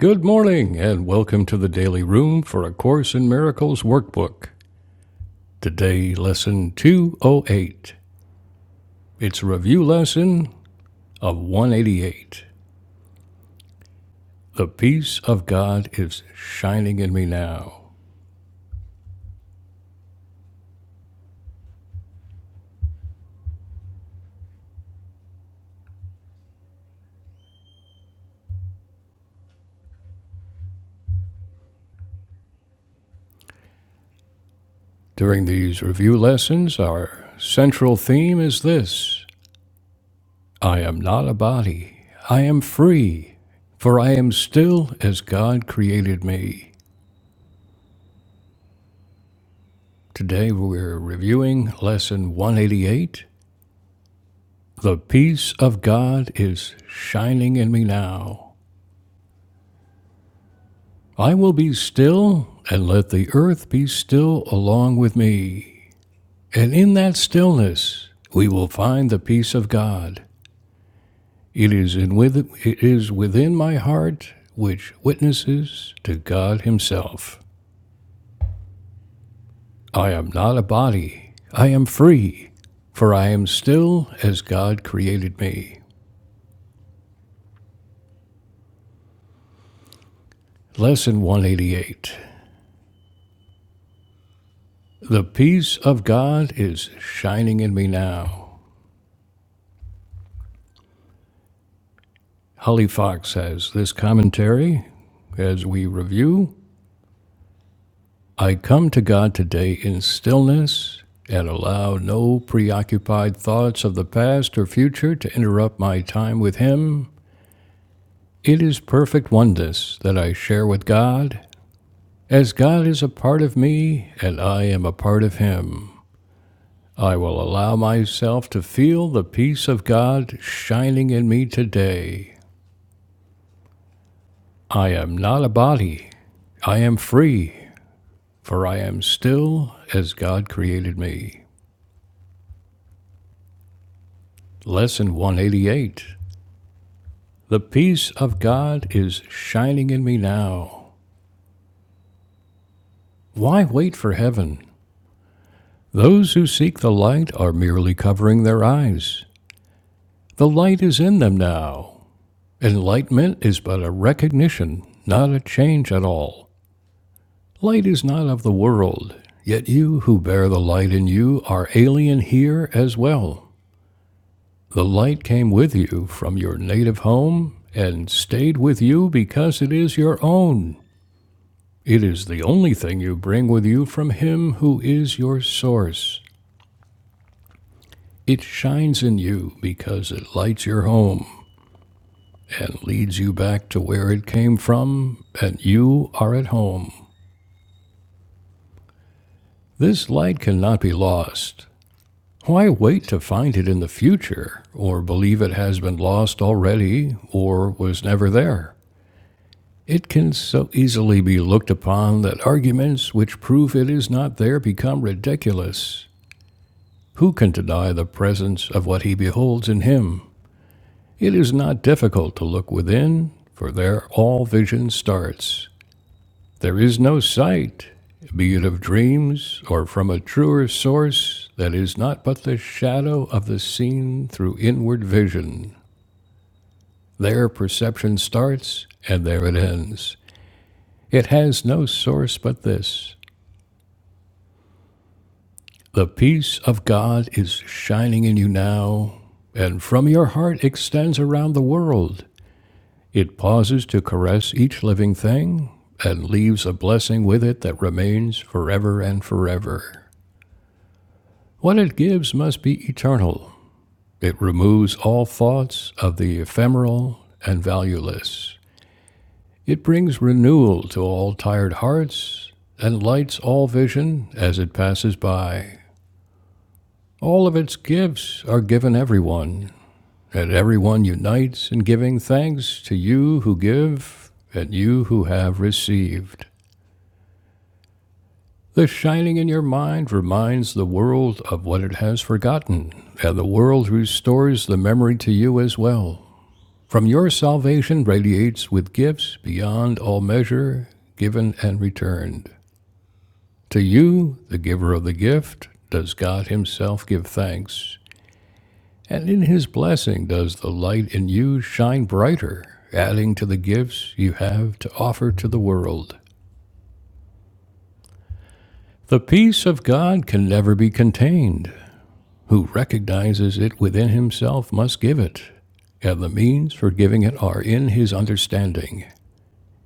Good morning, and welcome to the Daily Room for A Course in Miracles workbook. Today, lesson 208. It's a review lesson of 188. The peace of God is shining in me now. During these review lessons, our central theme is this I am not a body, I am free, for I am still as God created me. Today, we're reviewing lesson 188 The peace of God is shining in me now. I will be still and let the earth be still along with me. And in that stillness, we will find the peace of God. It is, in with, it is within my heart which witnesses to God Himself. I am not a body, I am free, for I am still as God created me. Lesson 188. The peace of God is shining in me now. Holly Fox has this commentary as we review. I come to God today in stillness and allow no preoccupied thoughts of the past or future to interrupt my time with Him. It is perfect oneness that I share with God, as God is a part of me and I am a part of Him. I will allow myself to feel the peace of God shining in me today I am not a body. I am free, for I am still as God created me. Lesson 188 The peace of God is shining in me now. Why wait for heaven? Those who seek the light are merely covering their eyes. The light is in them now. Enlightenment is but a recognition, not a change at all. Light is not of the world, yet you who bear the light in you are alien here as well. The light came with you from your native home and stayed with you because it is your own. It is the only thing you bring with you from Him who is your source. It shines in you because it lights your home and leads you back to where it came from, and you are at home. This light cannot be lost. Why wait to find it in the future, or believe it has been lost already, or was never there? It can so easily be looked upon that arguments which prove it is not there become ridiculous. Who can deny the presence of what he beholds in him? It is not difficult to look within, for there all vision starts. There is no sight, be it of dreams or from a truer source, that is not but the shadow of the seen through inward vision. There perception starts, and there it ends. It has no source but this. The peace of God is shining in you now, and from your heart extends around the world. It pauses to caress each living thing and leaves a blessing with it that remains forever and forever. What it gives must be eternal. It removes all thoughts of the ephemeral and valueless. It brings renewal to all tired hearts and lights all vision as it passes by. All of its gifts are given everyone that everyone unites in giving thanks to you who give and you who have received. The shining in your mind reminds the world of what it has forgotten, and the world restores the memory to you as well. From your salvation radiates with gifts beyond all measure, given and returned. To you, the giver of the gift, does God Himself give thanks. And in his blessing does the light in you shine brighter, adding to the gifts you have to offer to the world. The peace of God can never be contained. Who recognizes it within himself must give it, and the means for giving it are in his understanding.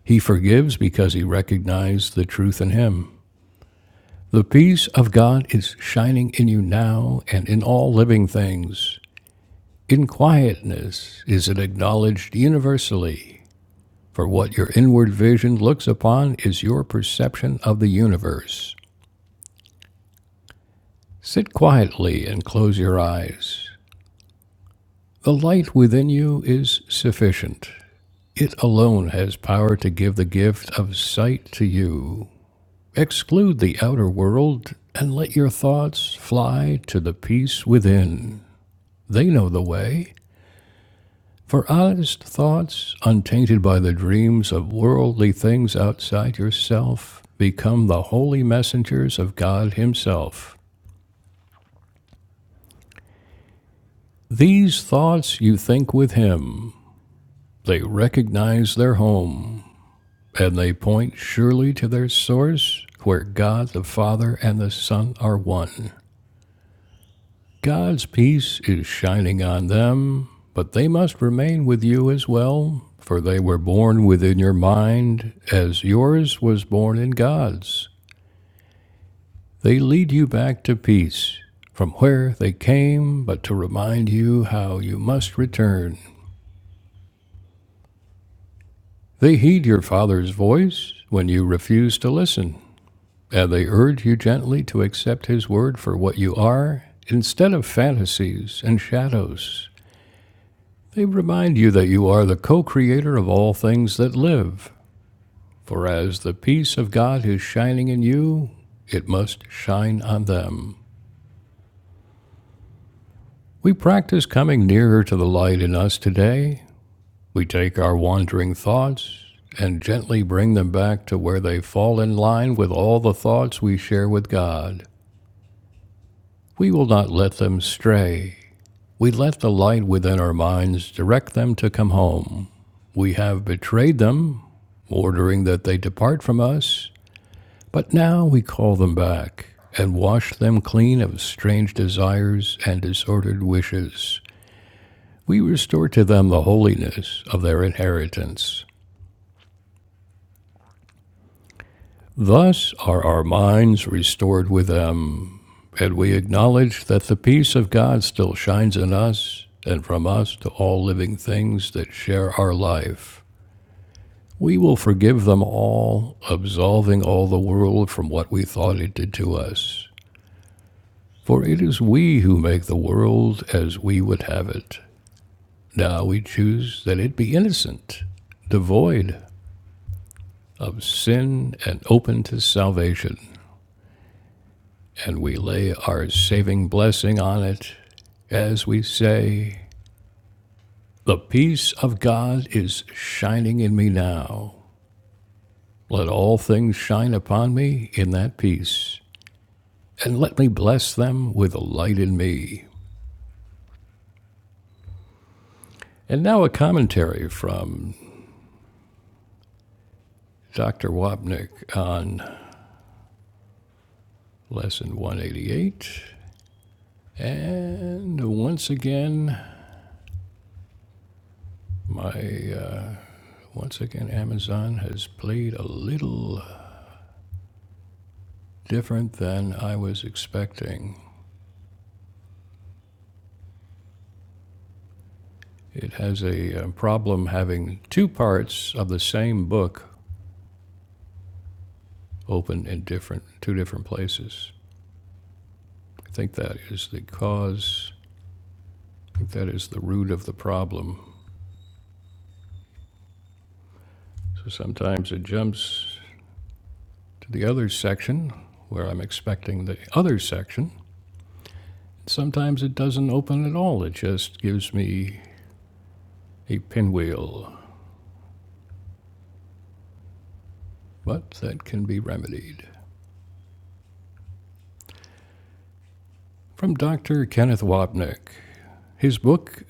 He forgives because he recognized the truth in him. The peace of God is shining in you now and in all living things. In quietness is it acknowledged universally For what your inward vision looks upon is your perception of the universe. Sit quietly and close your eyes. The light within you is sufficient. It alone has power to give the gift of sight to you. Exclude the outer world and let your thoughts fly to the peace within. They know the way. For honest thoughts, untainted by the dreams of worldly things outside yourself, become the holy messengers of God Himself. These thoughts you think with Him, they recognize their home, and they point surely to their source, where God the Father and the Son are one. God's peace is shining on them, but they must remain with you as well, for they were born within your mind, as yours was born in God's. They lead you back to peace, from where they came, but to remind you how you must return. They heed your Father's voice when you refuse to listen, and they urge you gently to accept His word for what you are, instead of fantasies and shadows. They remind you that you are the co creator of all things that live, for as the peace of God is shining in you, it must shine on them. We practice coming nearer to the light in us today. We take our wandering thoughts and gently bring them back to where they fall in line with all the thoughts we share with God. We will not let them stray. We let the light within our minds direct them to come home. We have betrayed them, ordering that they depart from us, but now we call them back and wash them clean of strange desires and disordered wishes. We restore to them the holiness of their inheritance. Thus are our minds restored with them, and we acknowledge that the peace of God still shines in us and from us to all living things that share our life. We will forgive them all, absolving all the world from what we thought it did to us. For it is we who make the world as we would have it. Now we choose that it be innocent, devoid of sin, and open to salvation. And we lay our saving blessing on it as we say, The peace of God is shining in me now. Let all things shine upon me in that peace and let me bless them with a light in me. And now a commentary from Dr. Wapnick on lesson 188. And once again, my uh, once again Amazon has played a little different than I was expecting. It has a uh, problem having two parts of the same book open in different two different places. I think that is the cause. I think that is the root of the problem. So sometimes it jumps to the other section where I'm expecting the other section. Sometimes it doesn't open at all, it just gives me a pinwheel. But that can be remedied. From Dr. Kenneth Wapnick, his book,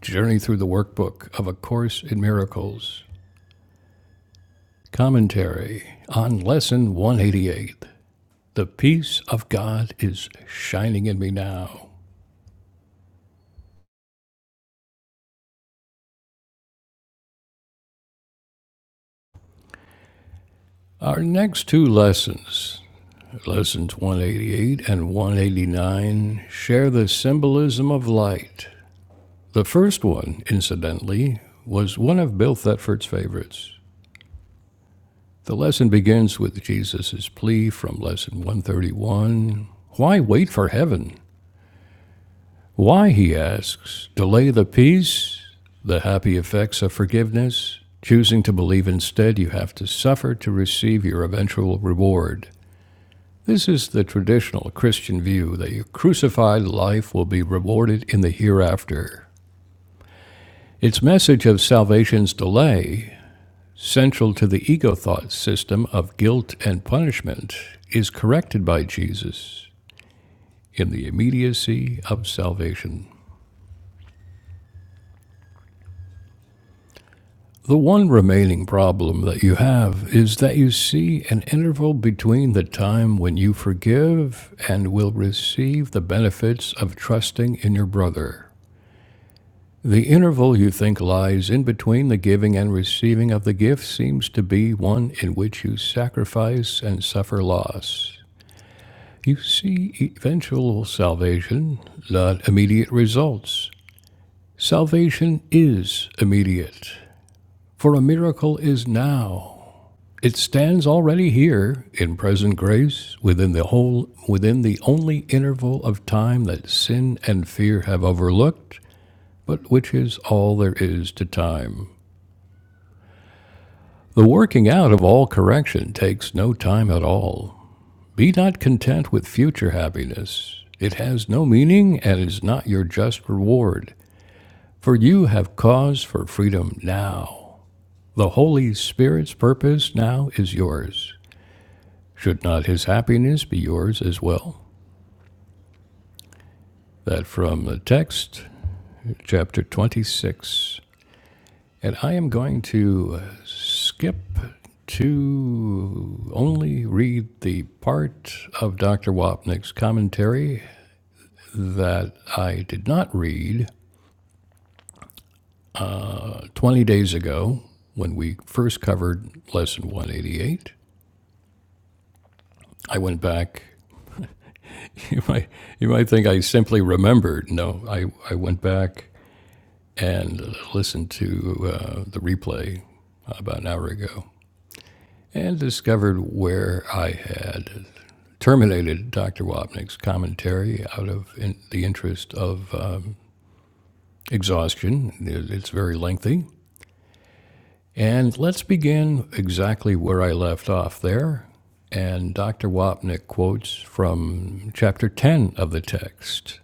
Journey Through the Workbook of A Course in Miracles, commentary on Lesson 188 The Peace of God is Shining in Me Now. Our next two lessons Lessons 188 and 189 share the symbolism of light. The first one, incidentally, was one of Bill Thetford's favorites. The lesson begins with Jesus' plea from Lesson 131 Why wait for heaven? Why, he asks, delay the peace, the happy effects of forgiveness? Choosing to believe instead, you have to suffer to receive your eventual reward. This is the traditional Christian view that your crucified life will be rewarded in the hereafter. Its message of salvation's delay, central to the ego thought system of guilt and punishment, is corrected by Jesus in the immediacy of salvation. The one remaining problem that you have is that you see an interval between the time when you forgive and will receive the benefits of trusting in your brother The interval you think lies in between the giving and receiving of the gift seems to be one in which you sacrifice and suffer loss. You see eventual salvation, not immediate results. Salvation is immediate, for a miracle is now. It stands already here in present grace within the whole within the only interval of time that sin and fear have overlooked, but which is all there is to time. The working out of all correction takes no time at all. Be not content with future happiness. It has no meaning and is not your just reward, for you have cause for freedom now. The Holy Spirit's purpose now is yours. Should not his happiness be yours as well? That from the text, chapter 26. And I am going to uh, skip to only read the part of Dr. Wapnick's commentary that I did not read 20 days ago when we first covered Lesson 188. I went back. You might, you might think I simply remembered. No, I, I went back and listened to uh, the replay about an hour ago and discovered where I had terminated Dr. Wapnick's commentary out of in the interest of uh, exhaustion. It's very lengthy. And let's begin exactly where I left off there. And Dr. Wapnick quotes from chapter 10 of the text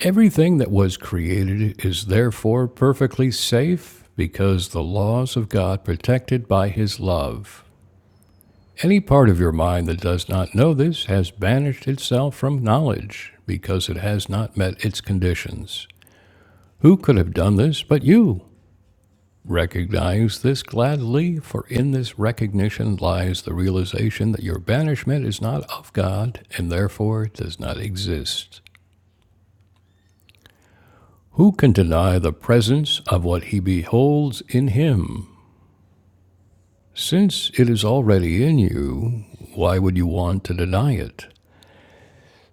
Everything that was created is therefore perfectly safe because the laws of God protected by his love. Any part of your mind that does not know this has banished itself from knowledge because it has not met its conditions. Who could have done this but you? Recognize this gladly, for in this recognition lies the realization that your banishment is not of God and therefore does not exist. Who can deny the presence of what he beholds in him? Since it is already in you, why would you want to deny it?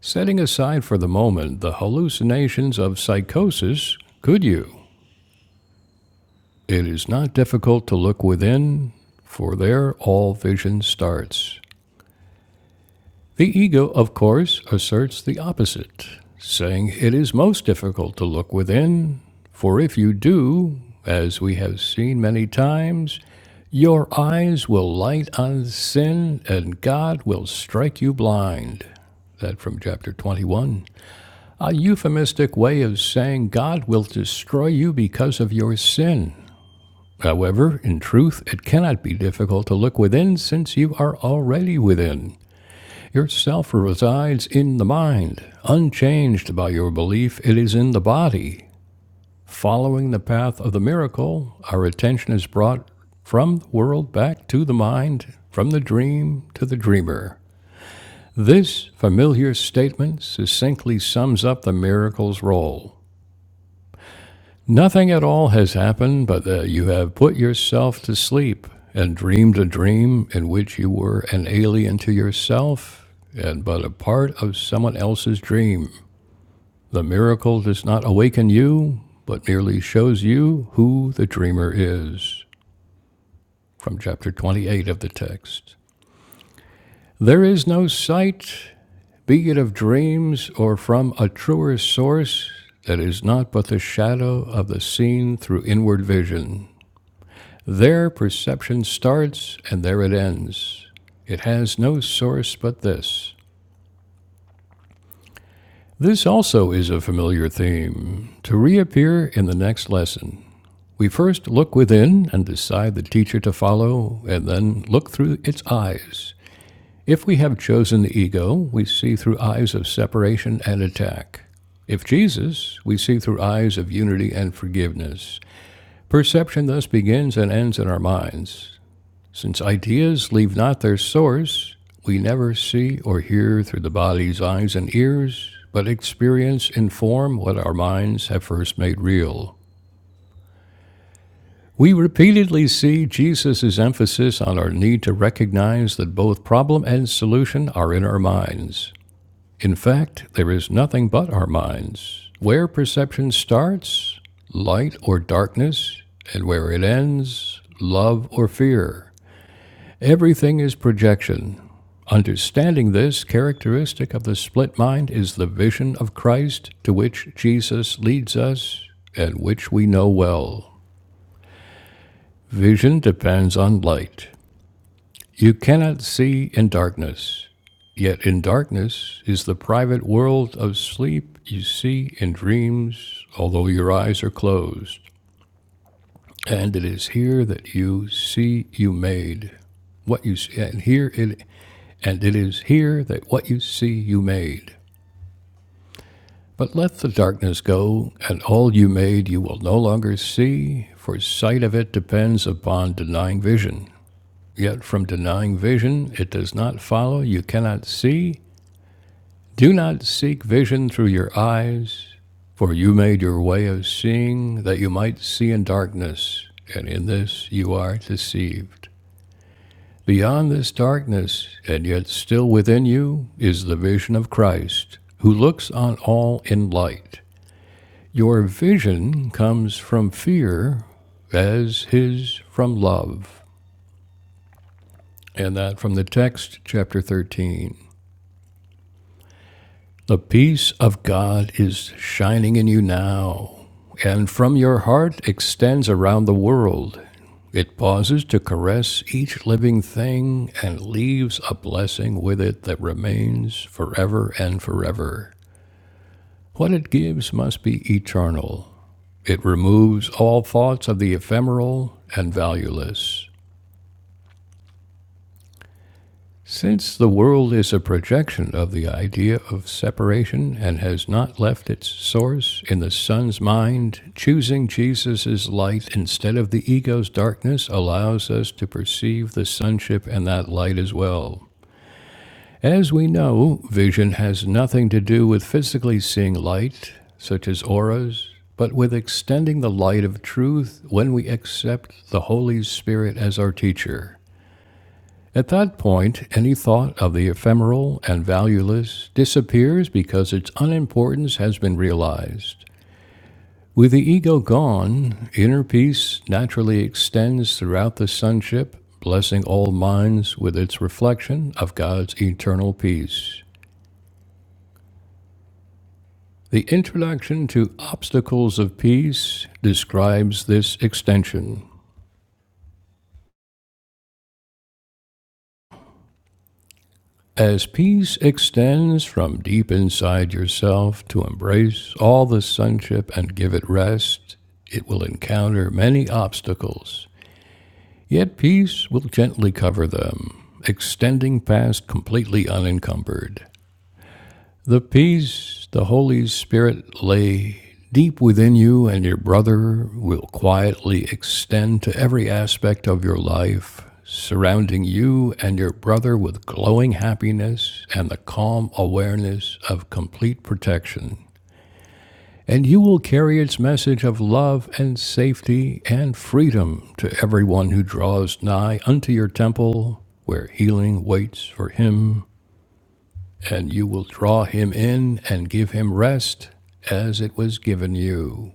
Setting aside for the moment the hallucinations of psychosis, could you? It is not difficult to look within, for there all vision starts. The ego, of course, asserts the opposite, saying it is most difficult to look within, for if you do, as we have seen many times, your eyes will light on sin and God will strike you blind. That from chapter 21. a euphemistic way of saying God will destroy you because of your sin. However, in truth, it cannot be difficult to look within since you are already within. Your self resides in the mind. Unchanged by your belief, it is in the body. Following the path of the miracle, our attention is brought from the world back to the mind, from the dream to the dreamer. This familiar statement succinctly sums up the miracle's role. Nothing at all has happened but that you have put yourself to sleep and dreamed a dream in which you were an alien to yourself and but a part of someone else's dream. The miracle does not awaken you, but merely shows you who the dreamer is. From chapter 28 of the text. There is no sight, be it of dreams or from a truer source, that is not but the shadow of the seen through inward vision. There perception starts and there it ends. It has no source but this. This also is a familiar theme, to reappear in the next lesson. We first look within and decide the teacher to follow, and then look through its eyes. If we have chosen the ego, we see through eyes of separation and attack. If Jesus, we see through eyes of unity and forgiveness. Perception thus begins and ends in our minds. Since ideas leave not their source, we never see or hear through the body's eyes and ears, but experience inform what our minds have first made real. We repeatedly see Jesus' emphasis on our need to recognize that both problem and solution are in our minds. In fact, there is nothing but our minds. Where perception starts, light or darkness, and where it ends, love or fear. Everything is projection. Understanding this characteristic of the split mind is the vision of Christ to which Jesus leads us and which we know well. Vision depends on light. You cannot see in darkness. Yet in darkness is the private world of sleep you see in dreams, although your eyes are closed. And it is here that you see you made. What you see, and here it And it is here that what you see you made. But let the darkness go, and all you made you will no longer see, for sight of it depends upon denying vision. Yet from denying vision it does not follow you cannot see. Do not seek vision through your eyes, for you made your way of seeing that you might see in darkness, and in this you are deceived. Beyond this darkness, and yet still within you, is the vision of Christ, who looks on all in light. Your vision comes from fear, as his from love. And that from the text, chapter 13. The peace of God is shining in you now, and from your heart extends around the world. It pauses to caress each living thing and leaves a blessing with it that remains forever and forever. What it gives must be eternal. It removes all thoughts of the ephemeral and valueless. Since the world is a projection of the idea of separation and has not left its source in the Son's mind, choosing Jesus' light instead of the ego's darkness allows us to perceive the Sonship and that light as well. As we know, vision has nothing to do with physically seeing light, such as auras, but with extending the light of truth when we accept the Holy Spirit as our teacher. At that point, any thought of the ephemeral and valueless disappears because its unimportance has been realized. With the ego gone, inner peace naturally extends throughout the sonship, blessing all minds with its reflection of God's eternal peace. The introduction to Obstacles of Peace describes this extension. As peace extends from deep inside yourself to embrace all the sonship and give it rest, it will encounter many obstacles, yet peace will gently cover them, extending past completely unencumbered. The peace the Holy Spirit lay deep within you and your brother will quietly extend to every aspect of your life, surrounding you and your brother with glowing happiness and the calm awareness of complete protection. And you will carry its message of love and safety and freedom to everyone who draws nigh unto your temple, where healing waits for him and you will draw him in and give him rest as it was given you.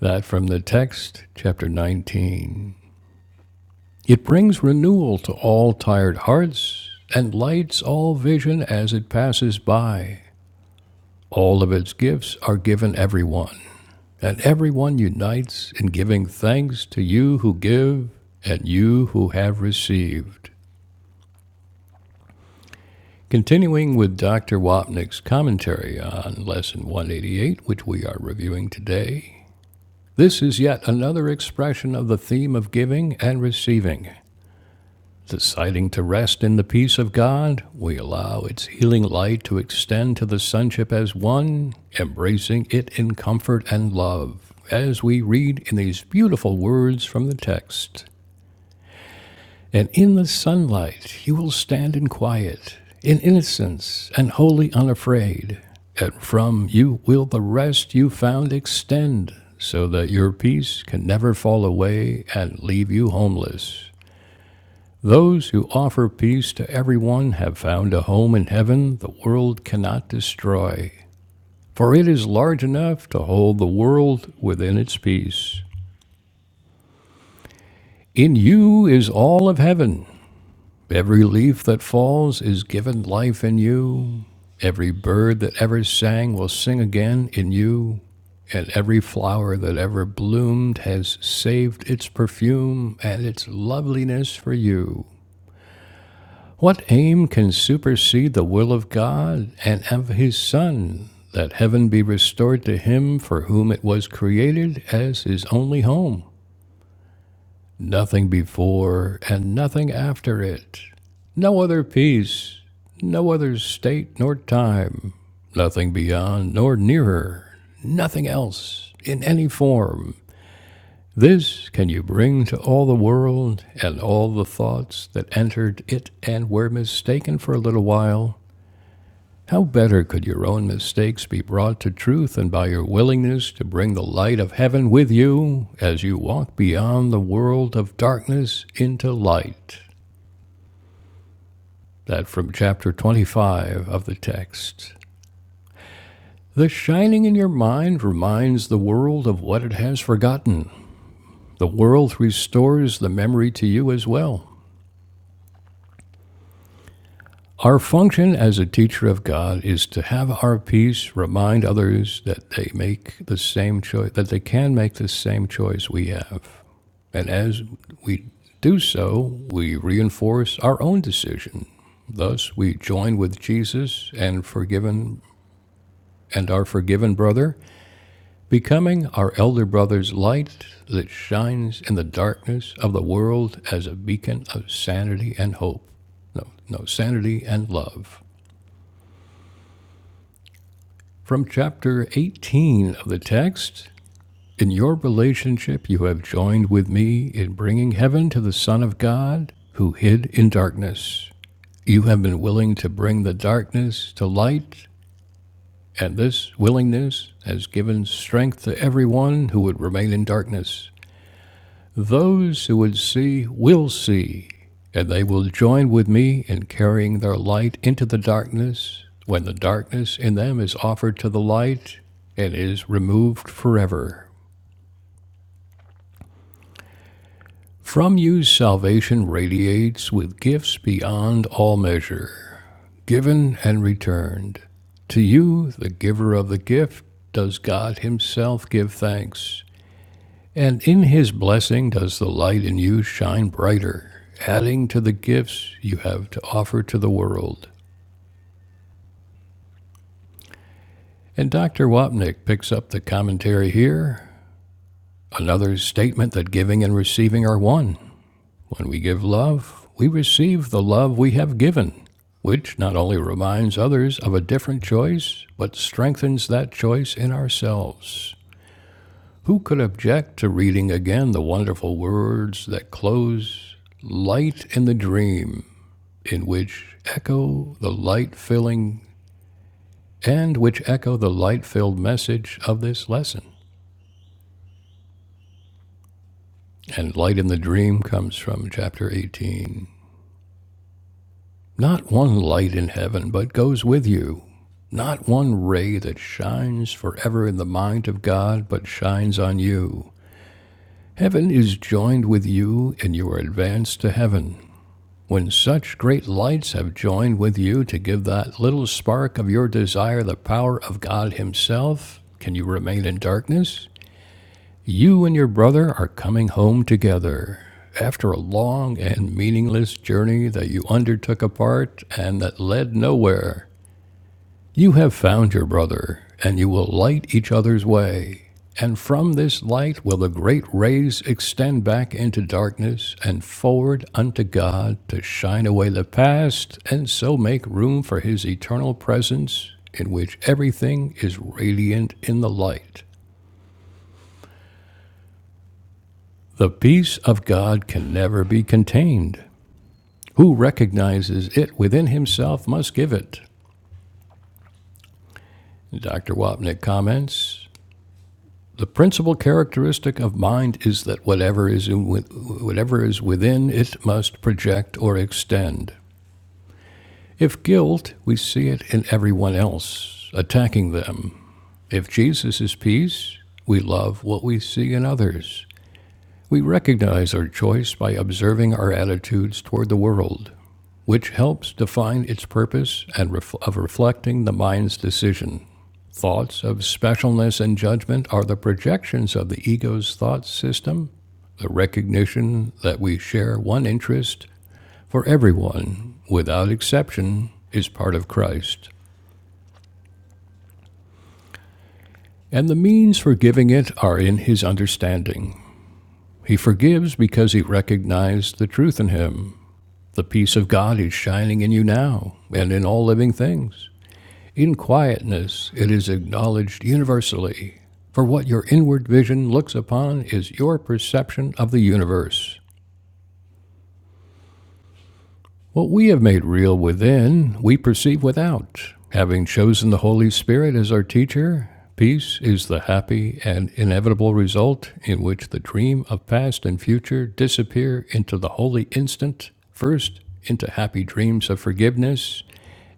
That from the text, chapter 19. It brings renewal to all tired hearts and lights all vision as it passes by. All of its gifts are given everyone, and everyone unites in giving thanks to you who give and you who have received. Continuing with Dr. Wapnick's commentary on Lesson 188, which we are reviewing today, this is yet another expression of the theme of giving and receiving. Deciding to rest in the peace of God, we allow its healing light to extend to the sonship as one, embracing it in comfort and love, as we read in these beautiful words from the text. And in the sunlight you will stand in quiet, in innocence, and wholly unafraid. And from you will the rest you found extend, so that your peace can never fall away and leave you homeless. Those who offer peace to everyone have found a home in heaven the world cannot destroy, for it is large enough to hold the world within its peace. In you is all of heaven. Every leaf that falls is given life in you. Every bird that ever sang will sing again in you. And every flower that ever bloomed has saved its perfume and its loveliness for you. What aim can supersede the will of God and of His Son, that heaven be restored to him for whom it was created as his only home? nothing before and nothing after it, no other peace, no other state nor time, nothing beyond nor nearer, nothing else in any form. This can you bring to all the world and all the thoughts that entered it and were mistaken for a little while how better could your own mistakes be brought to truth than by your willingness to bring the light of heaven with you as you walk beyond the world of darkness into light? That from chapter 25 of the text. The shining in your mind reminds the world of what it has forgotten. The world restores the memory to you as well. Our function as a teacher of God is to have our peace remind others that they make the same choice, that they can make the same choice we have. And as we do so, we reinforce our own decision. Thus, we join with Jesus and forgiven and our forgiven brother, becoming our elder brother's light that shines in the darkness of the world as a beacon of sanity and hope. No, no, sanity and love. From chapter 18 of the text In your relationship, you have joined with me in bringing heaven to the Son of God who hid in darkness. You have been willing to bring the darkness to light, and this willingness has given strength to everyone who would remain in darkness. Those who would see will see, and they will join with me in carrying their light into the darkness when the darkness in them is offered to the light and is removed forever. From you, salvation radiates with gifts beyond all measure, given and returned. To you, the giver of the gift, does God Himself give thanks. And in his blessing does the light in you shine brighter, adding to the gifts you have to offer to the world. And Dr. Wapnick picks up the commentary here. Another statement that giving and receiving are one. When we give love, we receive the love we have given, which not only reminds others of a different choice, but strengthens that choice in ourselves. Who could object to reading again the wonderful words that close Light in the Dream? in which echo the light filling and which echo the light filled message of this lesson. And light in the dream comes from chapter 18. Not one light in heaven, but goes with you. Not one ray that shines forever in the mind of God, but shines on you. Heaven is joined with you, and you are advanced to heaven. When such great lights have joined with you to give that little spark of your desire the power of God Himself, can you remain in darkness? You and your brother are coming home together. After a long and meaningless journey that you undertook apart and that led nowhere, you have found your brother, and you will light each other's way. And from this light will the great rays extend back into darkness and forward unto God to shine away the past and so make room for his eternal presence, in which everything is radiant in the light. The peace of God can never be contained. Who recognizes it within himself must give it. Dr. Wapnick comments The principal characteristic of mind is that whatever is, in, whatever is within it must project or extend. If guilt, we see it in everyone else, attacking them. If Jesus is peace, we love what we see in others. We recognize our choice by observing our attitudes toward the world, which helps define its purpose and ref- of reflecting the mind's decision. Thoughts of specialness and judgment are the projections of the ego's thought system, the recognition that we share one interest for everyone, without exception, is part of Christ. And the means for giving it are in his understanding. He forgives because he recognized the truth in him The peace of God is shining in you now and in all living things. In quietness, it is acknowledged universally. For what your inward vision looks upon is your perception of the universe. What we have made real within, we perceive without. Having chosen the Holy Spirit as our teacher, peace is the happy and inevitable result in which the dream of past and future disappear into the holy instant, first into happy dreams of forgiveness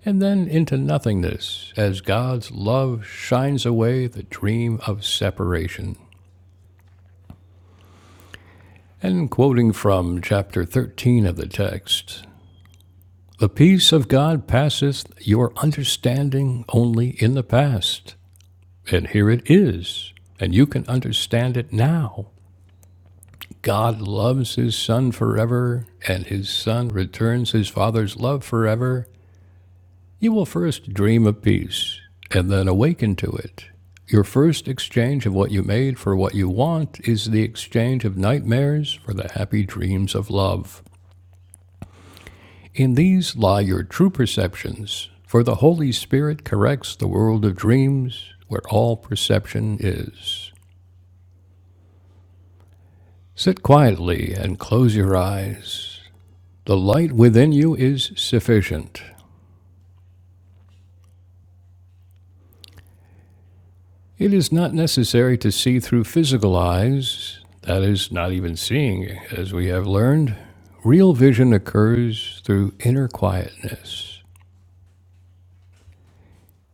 and then into nothingness as God's love shines away the dream of separation. And quoting from chapter 13 of the text, the peace of God passeth your understanding only in the past. And here it is, and you can understand it now. God loves his son forever, and his son returns his father's love forever, You will first dream of peace and then awaken to it. Your first exchange of what you made for what you want is the exchange of nightmares for the happy dreams of love. In these lie your true perceptions, for the Holy Spirit corrects the world of dreams where all perception is. Sit quietly and close your eyes. The light within you is sufficient. It is not necessary to see through physical eyes, that is, not even seeing, as we have learned. Real vision occurs through inner quietness.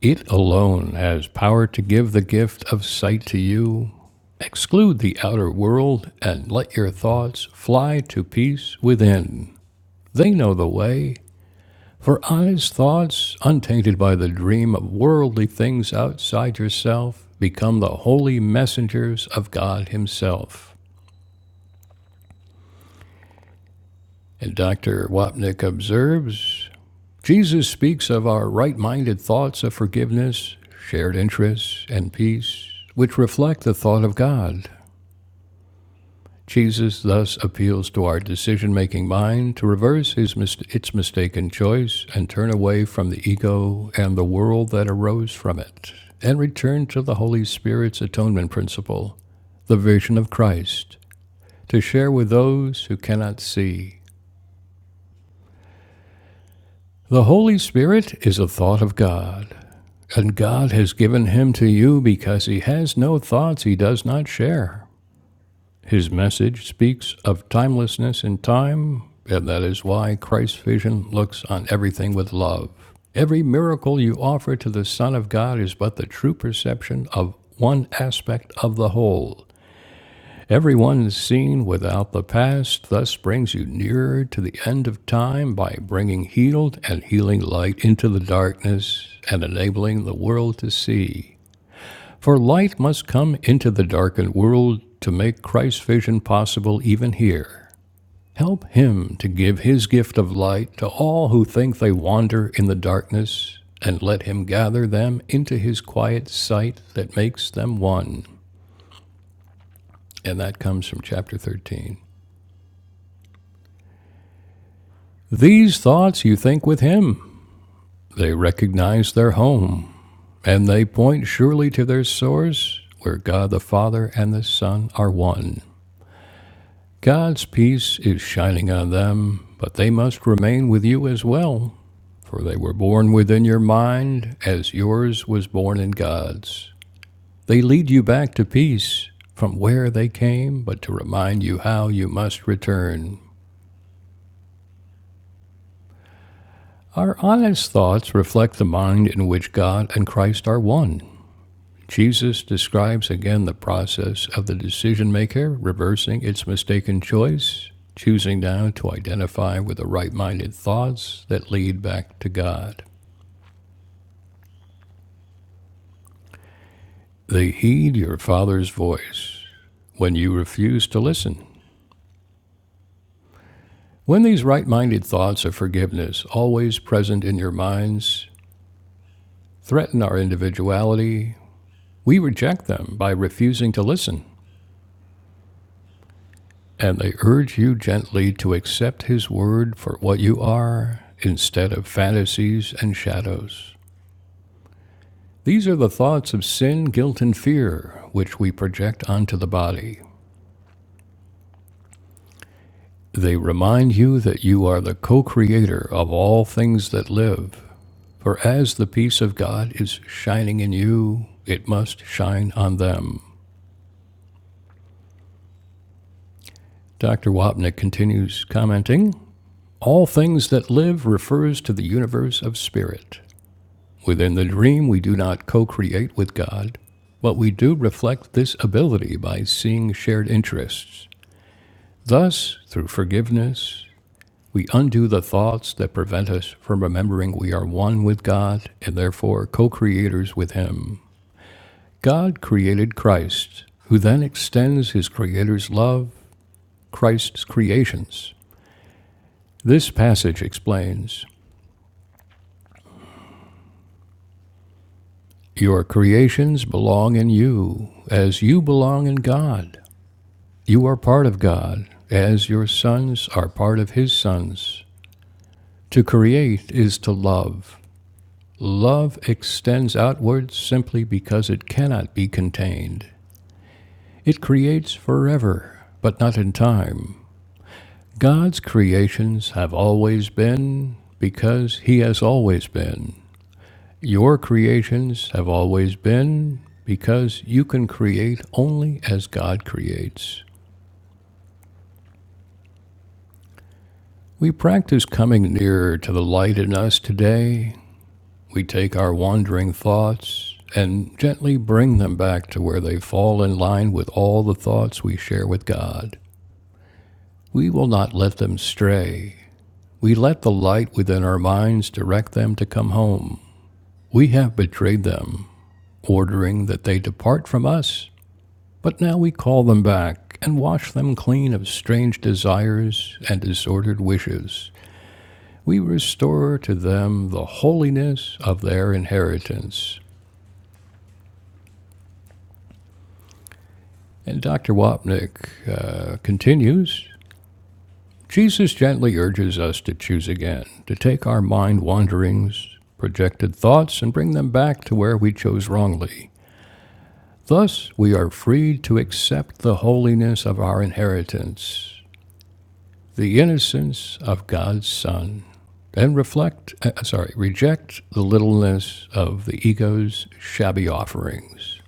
It alone has power to give the gift of sight to you. Exclude the outer world and let your thoughts fly to peace within. They know the way. For honest thoughts, untainted by the dream of worldly things outside yourself, become the holy messengers of God Himself. And Dr. Wapnick observes Jesus speaks of our right minded thoughts of forgiveness, shared interests, and peace, which reflect the thought of God, Jesus thus appeals to our decision making mind to reverse his mis- its mistaken choice and turn away from the ego and the world that arose from it, and return to the Holy Spirit's atonement principle, the vision of Christ, to share with those who cannot see. The Holy Spirit is a thought of God, and God has given him to you because he has no thoughts he does not share. His message speaks of timelessness in time, and that is why Christ's vision looks on everything with love. Every miracle you offer to the Son of God is but the true perception of one aspect of the whole. Everyone is seen without the past, thus brings you nearer to the end of time by bringing healed and healing light into the darkness and enabling the world to see. For light must come into the darkened world to make Christ's vision possible even here. Help Him to give His gift of light to all who think they wander in the darkness, and let Him gather them into His quiet sight that makes them one. And that comes from chapter 13. These thoughts you think with Him, they recognize their home, and they point surely to their source, where God the Father and the Son are one. God's peace is shining on them, but they must remain with you as well, for they were born within your mind as yours was born in God's. They lead you back to peace from where they came, but to remind you how you must return. Our honest thoughts reflect the mind in which God and Christ are one. Jesus describes again the process of the decision maker reversing its mistaken choice, choosing now to identify with the right minded thoughts that lead back to God. They heed your Father's voice when you refuse to listen. When these right minded thoughts of forgiveness, always present in your minds, threaten our individuality, we reject them by refusing to listen. and they urge you gently to accept His Word for what you are instead of fantasies and shadows. These are the thoughts of sin, guilt, and fear which we project onto the body. They remind you that you are the co creator of all things that live. For as the peace of God is shining in you, it must shine on them. Dr. Wapnick continues commenting All things that live refers to the universe of spirit. Within the dream, we do not co create with God, but we do reflect this ability by seeing shared interests. Thus, through forgiveness, we undo the thoughts that prevent us from remembering we are one with God and therefore co creators with Him. God created Christ, who then extends his Creator's love, Christ's creations. This passage explains Your creations belong in you, as you belong in God. You are part of God, as your sons are part of His sons. To create is to love. Love extends outwards simply because it cannot be contained. It creates forever, but not in time. God's creations have always been because He has always been. Your creations have always been because you can create only as God creates. We practice coming nearer to the light in us today We take our wandering thoughts and gently bring them back to where they fall in line with all the thoughts we share with God. We will not let them stray. We let the light within our minds direct them to come home. We have betrayed them, ordering that they depart from us, but now we call them back and wash them clean of strange desires and disordered wishes. We restore to them the holiness of their inheritance. And Dr. Wapnick uh, continues Jesus gently urges us to choose again, to take our mind wanderings, projected thoughts, and bring them back to where we chose wrongly. Thus, we are freed to accept the holiness of our inheritance, the innocence of God's Son, and reflect, uh, sorry, reject the littleness of the ego's shabby offerings.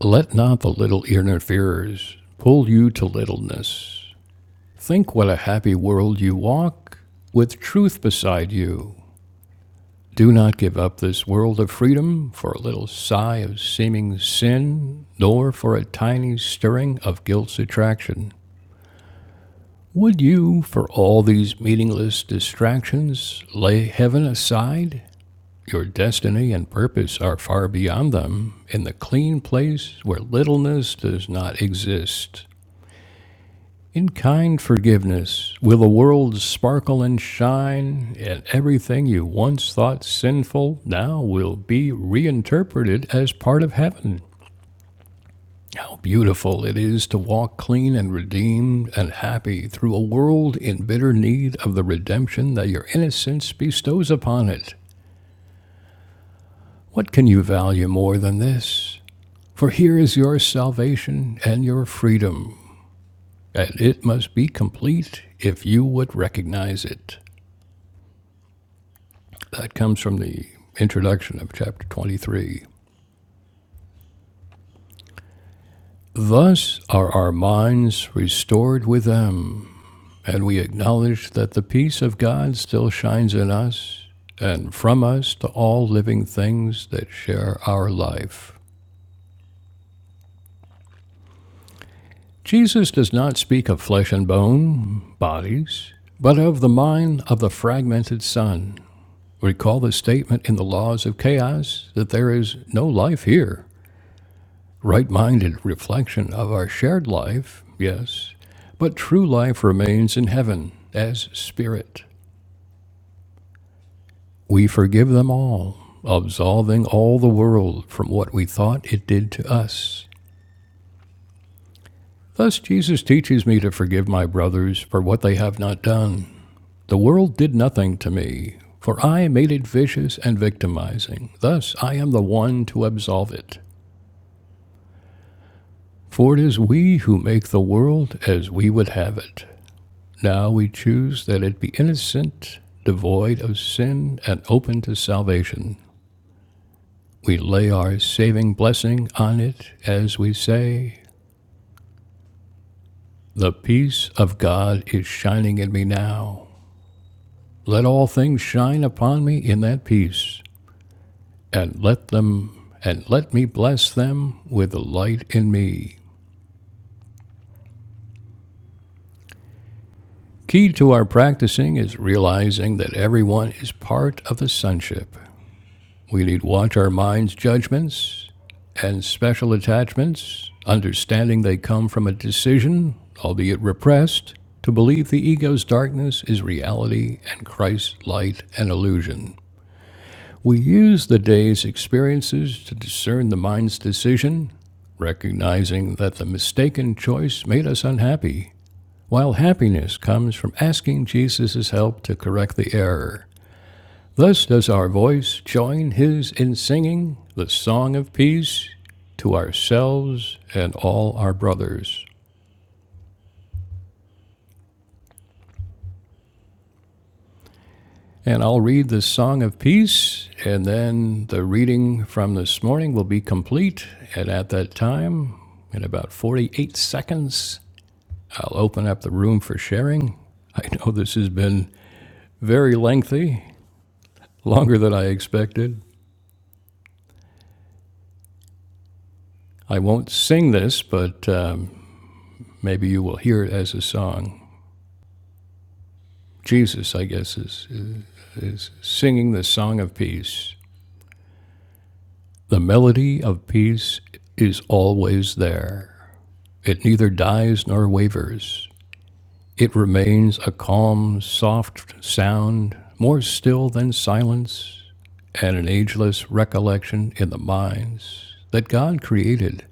Let not the little interferers pull you to littleness Think what a happy world you walk, with truth beside you. Do not give up this world of freedom for a little sigh of seeming sin, nor for a tiny stirring of guilt's attraction. Would you, for all these meaningless distractions, lay heaven aside? Your destiny and purpose are far beyond them, in the clean place where littleness does not exist. In kind forgiveness will the world sparkle and shine, and everything you once thought sinful now will be reinterpreted as part of heaven. How beautiful it is to walk clean and redeemed and happy through a world in bitter need of the redemption that your innocence bestows upon it. What can you value more than this? For here is your salvation and your freedom, and it must be complete if you would recognize it. That comes from the introduction of chapter 23. Thus are our minds restored with them, and we acknowledge that the peace of God still shines in us and from us to all living things that share our life. Jesus does not speak of flesh and bone, bodies, but of the mind of the fragmented sun. Recall the statement in the laws of chaos that there is no life here. right minded reflection of our shared life, yes, but true life remains in heaven as spirit. We forgive them all, absolving all the world from what we thought it did to us. Thus Jesus teaches me to forgive my brothers for what they have not done. The world did nothing to me, for I made it vicious and victimizing. Thus I am the one to absolve it. For it is we who make the world as we would have it. Now we choose that it be innocent, devoid of sin, and open to salvation. We lay our saving blessing on it as we say, The peace of God is shining in me now. Let all things shine upon me in that peace, and let them and let me bless them with the light in me. Key to our practicing is realizing that everyone is part of the sonship We need watch our minds, judgments, and special attachments, understanding they come from a decision, albeit repressed, to believe the ego's darkness is reality and Christ's light an illusion. We use the day's experiences to discern the mind's decision, recognizing that the mistaken choice made us unhappy, while happiness comes from asking Jesus' help to correct the error. Thus does our voice join his in singing the song of peace to ourselves and all our brothers. And I'll read the song of peace, and then the reading from this morning will be complete. And at that time, in about 48 seconds, I'll open up the room for sharing. I know this has been very lengthy, longer than I expected. I won't sing this, but um, maybe you will hear it as a song. Jesus, I guess, is, is singing the song of peace. The melody of peace is always there. It neither dies nor wavers. It remains a calm, soft sound, more still than silence, and an ageless recollection in the minds that God created.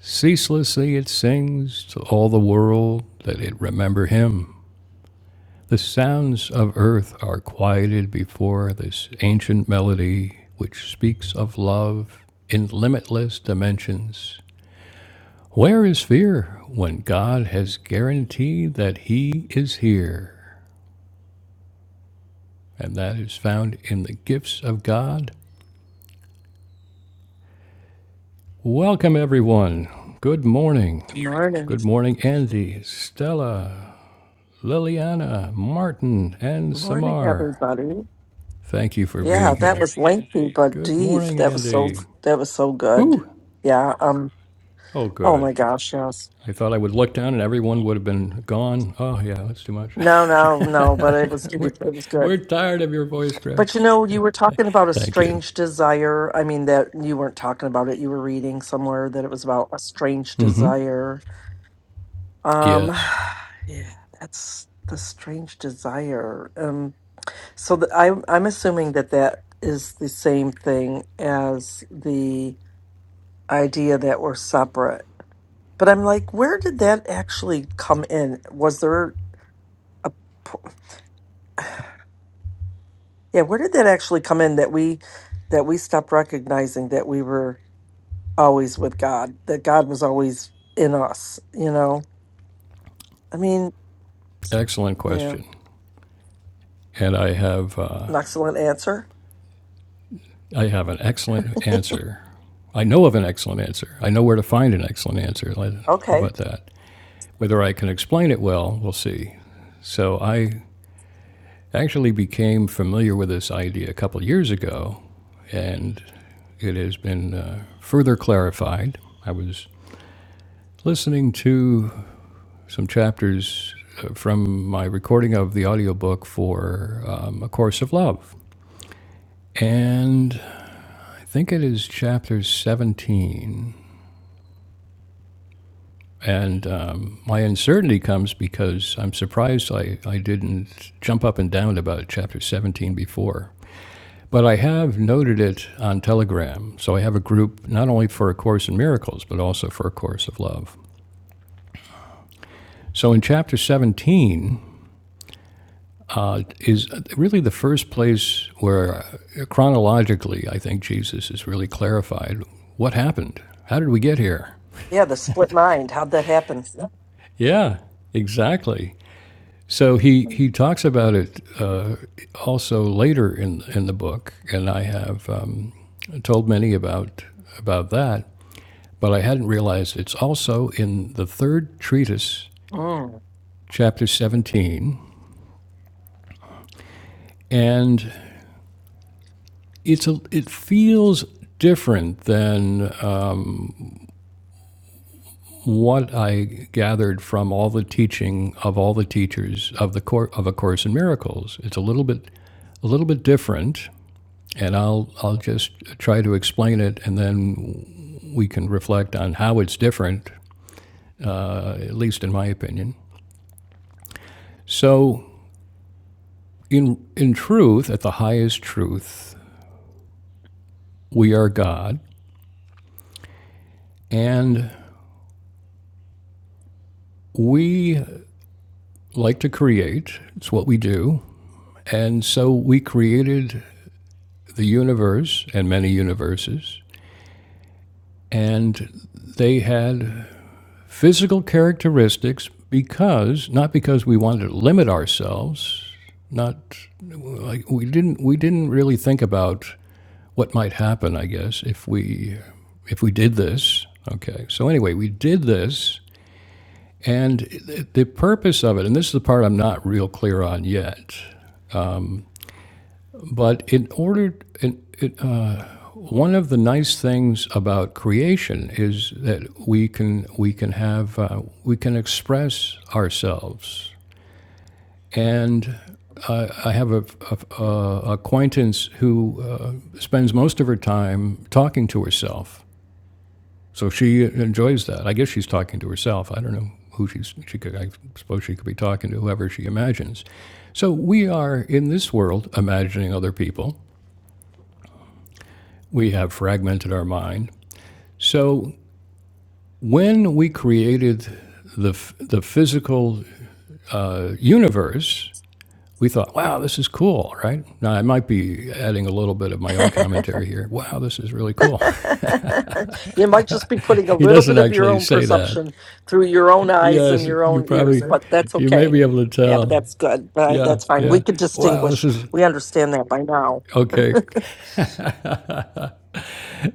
Ceaselessly it sings to all the world that it remember Him. The sounds of earth are quieted before this ancient melody which speaks of love in limitless dimensions. Where is fear when God has guaranteed that He is here? And that is found in the gifts of God. Welcome, everyone. Good morning. Morning. Good morning, Andy, Stella, Liliana, Martin, and Morning, Samar. everybody. Thank you for Yeah, being that here. was lengthy but Good deep. morning, That was so Andy. that was so good. Woo! Yeah, um Oh, oh good. my gosh, yes. I thought I would look down and everyone would have been gone. Oh, yeah, that's too much. No, no, no, but it was deep. we're, It was good. we're tired of your voice, Greg. But you know, Yeah, you were okay. talking about a Thank you. strange desire. I mean that you weren't talking about it. You were reading somewhere that it was about a strange hmm desire. Um Yes, yeah, that's the strange desire. Um so the, I I'm assuming that that is the same thing as the idea that we're separate. But I'm like, where did that actually come in? Was there a p- yeah, where did that actually come in that we that we stopped recognizing that we were always with God, that God was always in us, you know? I mean, excellent yeah, question. And I have, uh, an excellent answer. I have an excellent answer. I know of an excellent answer. I know where to find an excellent answer. Like, How Okay. about that? Whether I can explain it well, we'll see. So I actually became familiar with this idea a couple of years ago, and It has been uh, further clarified. I was listening to some chapters uh, from my recording of the audiobook for um, A Course of Love. And I think it is chapter 17. And um, my uncertainty comes because I'm surprised I, I didn't jump up and down about chapter 17 before. But I have noted it on Telegram. So I have a group not only for A Course in Miracles, but also for A Course of Love. So in chapter 17 uh, is really the first place where chronologically I think Jesus is really clarified what happened? How did we get here? Yeah, the split mind. How'd that happen? Yeah, exactly. So he, he talks about it uh, also later in, in the book, and I have um, told many about, about that, but I hadn't realized it's also in the third treatise, Mm. chapter 17, and It's a, it feels different than uh, what I gathered from all the teaching of all the teachers of the cour of a course in miracles. It's a little bit a little bit different, and I'll I'll just try to explain it, and then we can reflect on how it's different, at least in my opinion. So, in in truth, at the highest truth, we are God, and we like to create. It's what we do. And so we created the universe and many universes, and they had physical characteristics because not because we wanted to limit ourselves, not like we didn't we didn't really think about what might happen, I guess, if we if we did this. Okay. So anyway, we did this and the purpose of it, and this is the part I'm not real clear on yet, but in order in, in, one of the nice things about creation is that we can we can have uh, we can express ourselves. And uh, I have a, a, a acquaintance who uh, spends most of her time talking to herself. So she enjoys that. I guess she's talking to herself. I don't know who she's. She could. I suppose she could be talking to whoever she imagines. So we are in this world imagining other people. We have fragmented our mind. So When we created the, the physical uh, universe, we thought, wow, this is cool, right? Now, I might be adding a little bit of my own commentary here. Wow, this is really cool. you might just be putting a he little doesn't bit of your actually own say that. perception through your own eyes and Yes, your you own ears, probably, but that's you may okay. be able to Yeah, but tell. that's good. But Yeah, that's fine. yeah. We could Wow, this distinguish. is, We understand that by now. okay,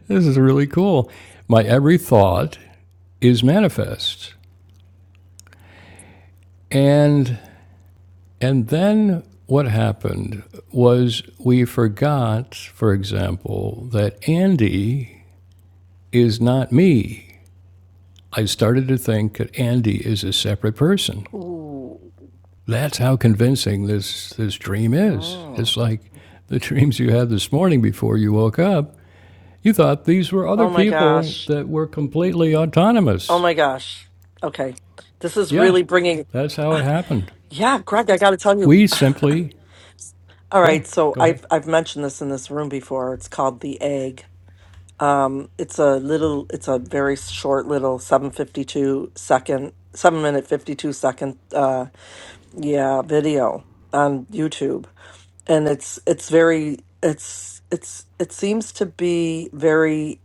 this is really cool. My every thought is manifest. And And then what happened was we forgot, for example, that Andy is not me. I started to think that Andy is a separate person. Ooh. That's how convincing this, this dream is. Mm. It's like the dreams you had this morning before you woke up. You thought these were Oh other my people gosh. that were completely Oh autonomous. my gosh. Okay. This is Yeah, really bringing. that's how it happened. Yeah, Greg, I got to tell you. We simply, All yeah, right, so go ahead. I've I've mentioned this in this room before. It's called the egg. Um, it's a little, it's a very short little 752 second, seven minute 52 second, uh, yeah, video on YouTube. And it's, it's very, it's, it's, it seems to be very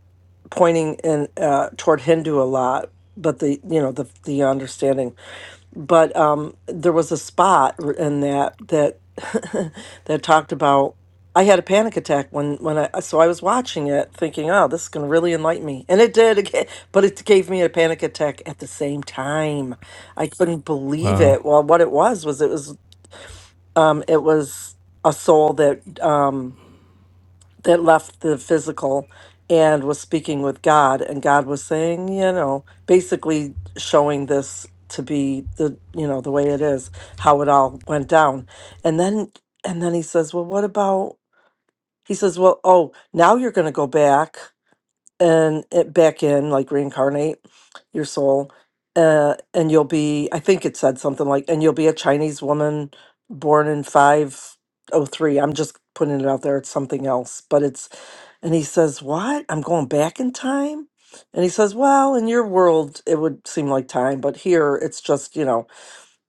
pointing in, uh, toward Hindu a lot, but the, you know, the, the understanding but um there was a spot r- in that that that talked about I had a panic attack when when I so I was watching it thinking oh this is going to really enlighten me and it did again but it gave me a panic attack at the same time I couldn't believe Wow. it well what it was was it was um it was a soul that um that left the physical and was speaking with God, and God was saying, you know, basically showing this to be the you know the way it is how it all went down and then and then he says well what about he says well oh now you're going to go back and it back in like reincarnate your soul uh, and you'll be i think it said something like and you'll be a chinese woman born in 503 i'm just putting it out there it's something else but it's and he says what i'm going back in time and he says well in your world it would seem like time but here it's just you know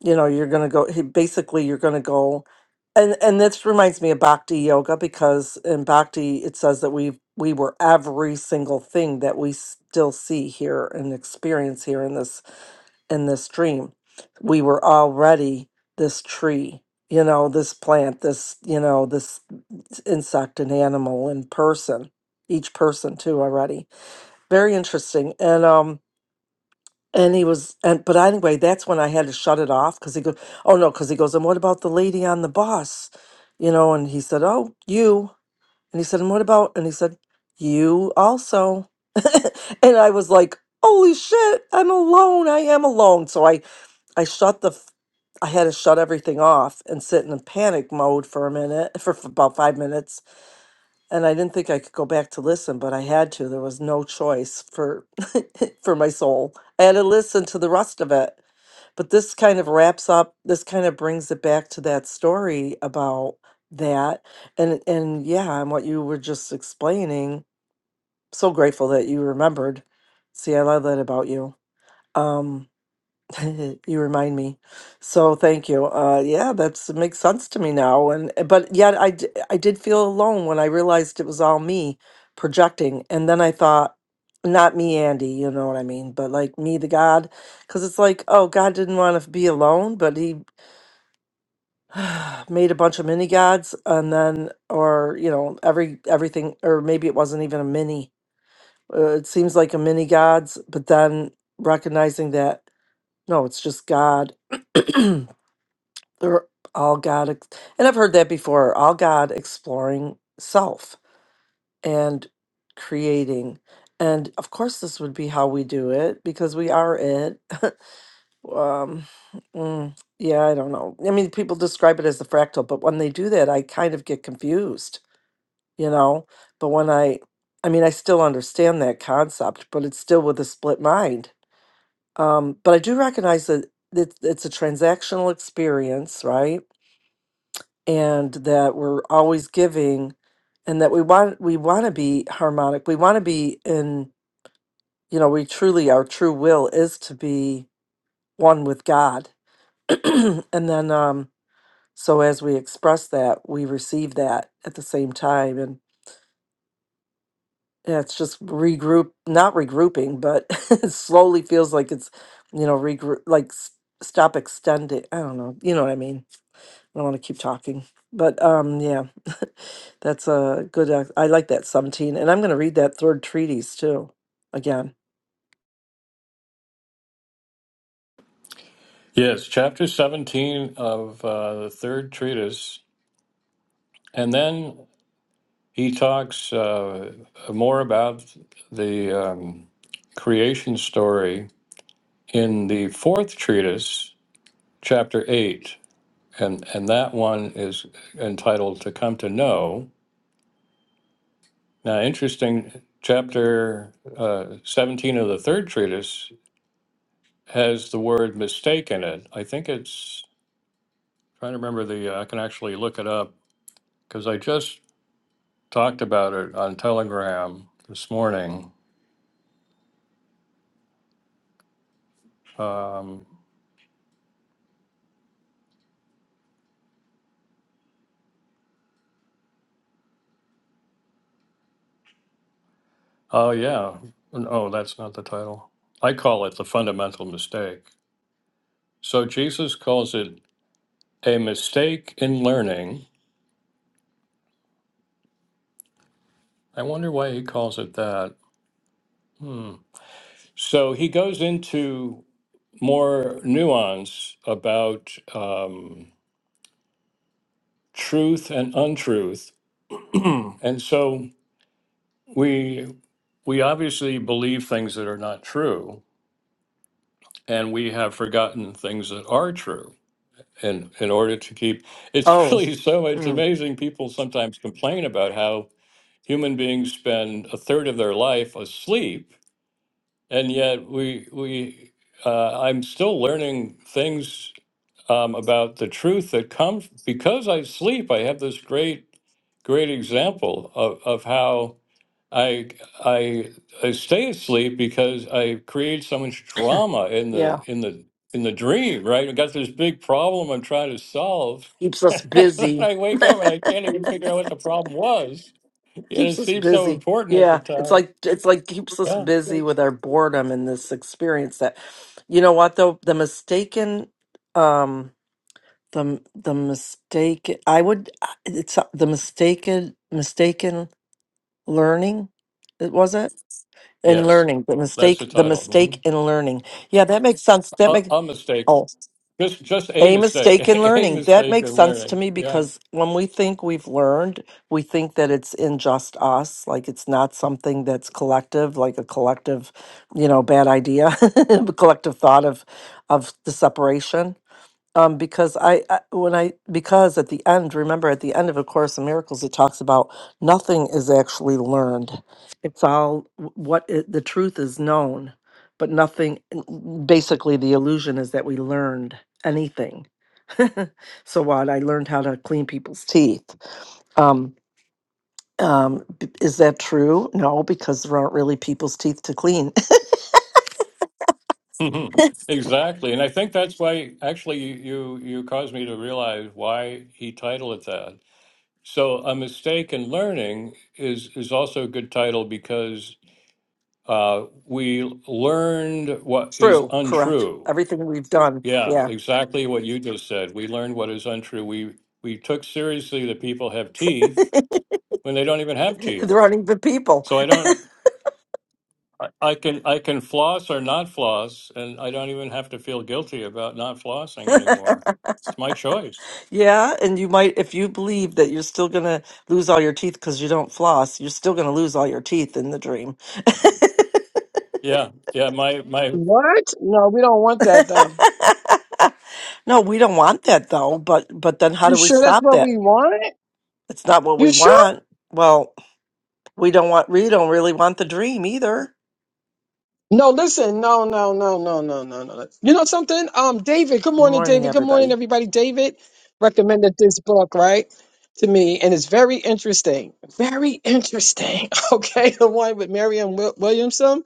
you know you're going to go he- basically you're going to go and and this reminds me of bhakti yoga because in bhakti it says that we we were every single thing that we still see here and experience here in this in this dream we were already this tree you know this plant this you know this insect and animal and person each person too already very interesting and um and he was, and but anyway, that's when I had to shut it off because he goes, oh no, because he goes, and what about the lady on the bus, you know? And he said, oh, you, and he said, and what about? And he said, you also, and I was like, holy shit, I'm alone. I am alone. So I, I shut the, f- I had to shut everything off and sit in a panic mode for a minute, for, f about five minutes, and I didn't think I could go back to listen, but I had to. There was no choice for for my soul. I had to listen to the rest of it. But this kind of wraps up this kind of brings it back to that story about that and and yeah, and what you were just explaining. So grateful that you remembered. See, I love that about you. Um, You remind me. So thank you. Uh, yeah, that's it makes sense to me now. And eh, but yet I d- I did feel alone when I realized it was all me projecting. And then I thought, not me, Andy. You know what I mean? But like me, the God, because it's like, oh, God didn't want to be alone, but he made a bunch of mini gods, and then or you know every everything, or maybe it wasn't even a mini. Uh, it seems like a mini gods, but then recognizing that no, it's just God. they're all God, ex- and I've heard that before, all God exploring self and creating. And of course, this would be how we do it because we are it. um, mm, yeah, I don't know. I mean, people describe it as the fractal, but when they do that, I kind of get confused, you know? But when I, I mean, I still understand that concept, but it's still with a split mind. Um, but I do recognize that it, it's a transactional experience, right? and that we're always giving and that we want we want to be harmonic we want to be in you know we truly our true will is to be one with god and then um so as we express that we receive that at the same time and yeah, it's just regroup not regrouping but it slowly feels like it's you know regroup like s- stop extending i don't know you know what i mean I don't want to keep talking, but um, yeah, that's a good. ex- I like that seventeen, and I'm going to read that third treatise too again. Yes, chapter 17 of uh, the third treatise. And then he talks uh, more about the um, creation story in the fourth treatise, chapter 8. And, and that one is entitled To Come to Know. Now, interesting, chapter uh, 17 of the third treatise has the word mistake in it. I think it's, trying to remember the, I can actually look it up because I just talked about it on Telegram this morning. Um, oh, yeah. No, that's not the title. I call it the fundamental mistake. So Jesus calls it a mistake in learning. I wonder why he calls it that. Hmm. So he goes into more nuance about um, truth and untruth. and so we we obviously believe things that are not true and we have forgotten things that are true in in order to keep it's Oh, really so it's mm, amazing people sometimes complain about how human beings spend a third of their life asleep and yet we we uh, I'm still learning things um, about the truth that comes because I sleep. I have this great great example of, of how I I I stay asleep because I create so much drama in yeah, the in the in the dream. Right, I got this big problem I'm trying to solve. keeps us busy. I wake up and I can't even figure out what the problem was. Yet it keeps us seemed so busy. important at the Yeah, it's time. like it's like keeps us Yeah. busy with our boredom and this experience that, you know what though the mistaken, um, the the mistake I would uh, it's uh, the mistaken mistaken learning, it was it. In Yes, learning the that's mistake the the title. hmm mistake in learning yeah that makes sense that A, makes a mistake, oh just just a a mistake, mistake in a learning that mistake makes in sense to learning. me Yeah, because when we think we've learned we think that it's in just us like it's not something that's collective like a collective you know bad idea collective thought of of the separation um, because I, I when I because at the end, remember at the end of A Course in Miracles, it talks about nothing is actually learned. It's all w- what i the truth is known, but nothing. n- Basically, the illusion is that we learned anything. so what? I learned how to clean people's teeth. Um, um, b- is that true? No, because there aren't really people's teeth to clean. hmm exactly. And I think that's why actually you you caused me to realize why he titled it that. So a mistake in learning is is also a good title because uh, we learned what is True, correct. untrue. Everything we've done, Yeah, yeah. exactly what you just said. We learned what is untrue. We we took seriously that people have teeth when they don't even have teeth. there aren't even people. So I don't, I I can, I can floss or not floss, and I don't even have to feel guilty about not flossing anymore. It's my choice. Yeah, and you might, if you believe that you're still gonna lose all your teeth because you don't floss, you're still gonna lose all your teeth in the dream. Yeah, yeah, my, my, What? No, we don't want that though. No, we don't want that though, but but then how You do we sure that's stop what that? we want? It's not what we You sure? want. Well, we don't want we don't really want the dream either. No, listen, no, no, no, no, no, no, no. You know something? Um, David, good morning, Morning, David. Good morning, everybody. everybody. David recommended this book, right? To me, and it's very interesting. Very interesting. Okay, the one with Marianne Wi- Williamson.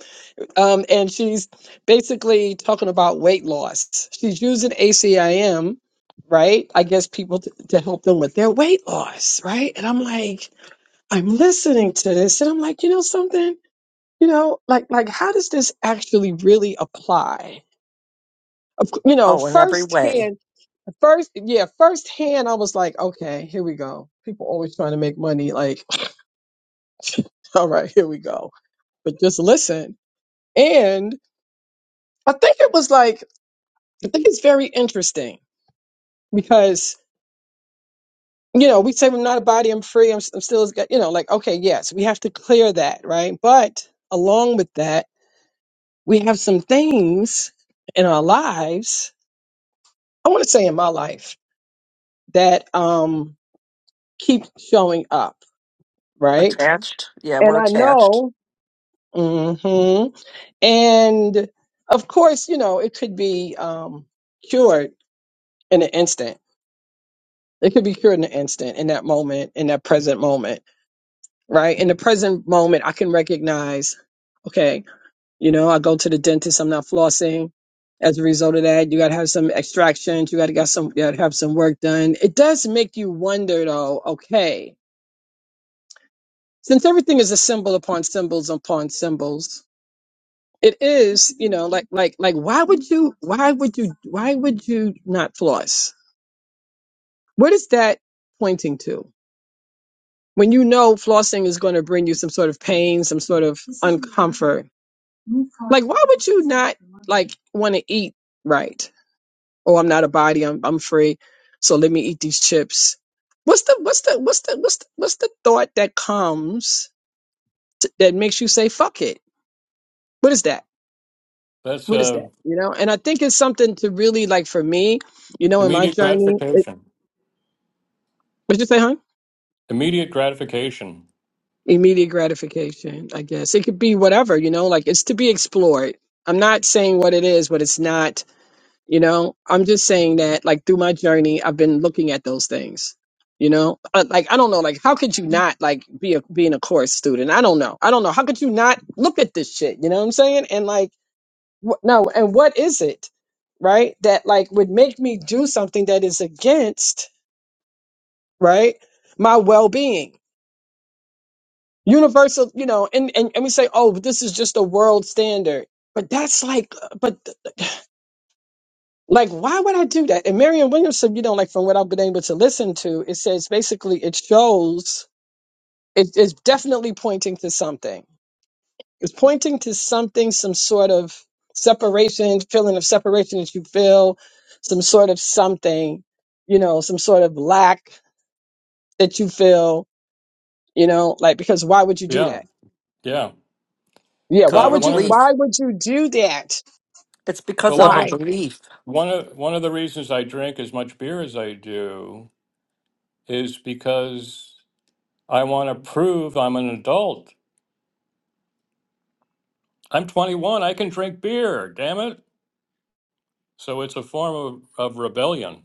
Um, and she's basically talking about weight loss. She's using ACIM, right? I guess people t- to help them with their weight loss, right? And I'm like, I'm listening to this and I'm like, you know something? You know, like like how does this actually really apply? You know, Oh, in every way. firsthand, first yeah, firsthand I was like, okay, here we go. People always trying to make money, like, all right, here we go. But just listen. And I think it was like, I think it's very interesting because you know, we say I'm not a body, I'm free, I'm, I'm still, you know, like, okay, yes, we have to clear that, right? But along with that, we have some things in our lives i want to say in my life that um keep showing up right Attached. Yeah, and we're i attached know hmm and of course you know it could be um cured in an instant it could be cured in an instant in that moment in that present moment right in the present moment i can recognize okay You know, I go to the dentist, I'm not flossing. As a result of that, you gotta have some extractions, you gotta got some you gotta have some work done. It does make you wonder though, okay, since everything is a symbol upon symbols upon symbols, it is, you know, like like like why would you why would you why would you not floss? What is that pointing to? When you know flossing is going to bring you some sort of pain, some sort of uncomfort, like why would you not like want to eat right? oh i'm not a body i'm i'm free so let me eat these chips what's the what's the what's the what's the, what's the thought that comes t that makes you say fuck it what is that that's what is uh, that you know and i think it's something to really like for me you know in my immediate journey it, gratification. what'd you say huh Immediate gratification. immediate gratification i guess it could be whatever you know like it's to be explored i'm not saying what it is but it's not You know, I'm just saying that like through my journey, I've been looking at those things. You know, Uh, like I don't know, like how could you not like be a being a course student? I don't know, I don't know. How could you not look at this shit? You know what I'm saying? And like, wh- no, and what is it, right? That like would make me do something that is against right my well being, universal. You know, and and and we say, oh, but this is just a world standard, but that's like, uh, but Like, why would I do that? And Marion Williamson, you know, like from what I've been able to listen to, it says basically it shows it is definitely pointing to something. It's pointing to something, some sort of separation, feeling of separation that you feel, some sort of something, you know, some sort of lack that you feel, you know, like because why would you do Yeah, that? yeah. Yeah, because why Uh, of a would one you of the, belief. why would you do that? It's because well, of one a of Why? the, belief. one of one of the reasons I drink as much beer as I do is because I want to prove I'm an adult. I'm 21. I can drink beer. Damn it! So it's a form of, of rebellion.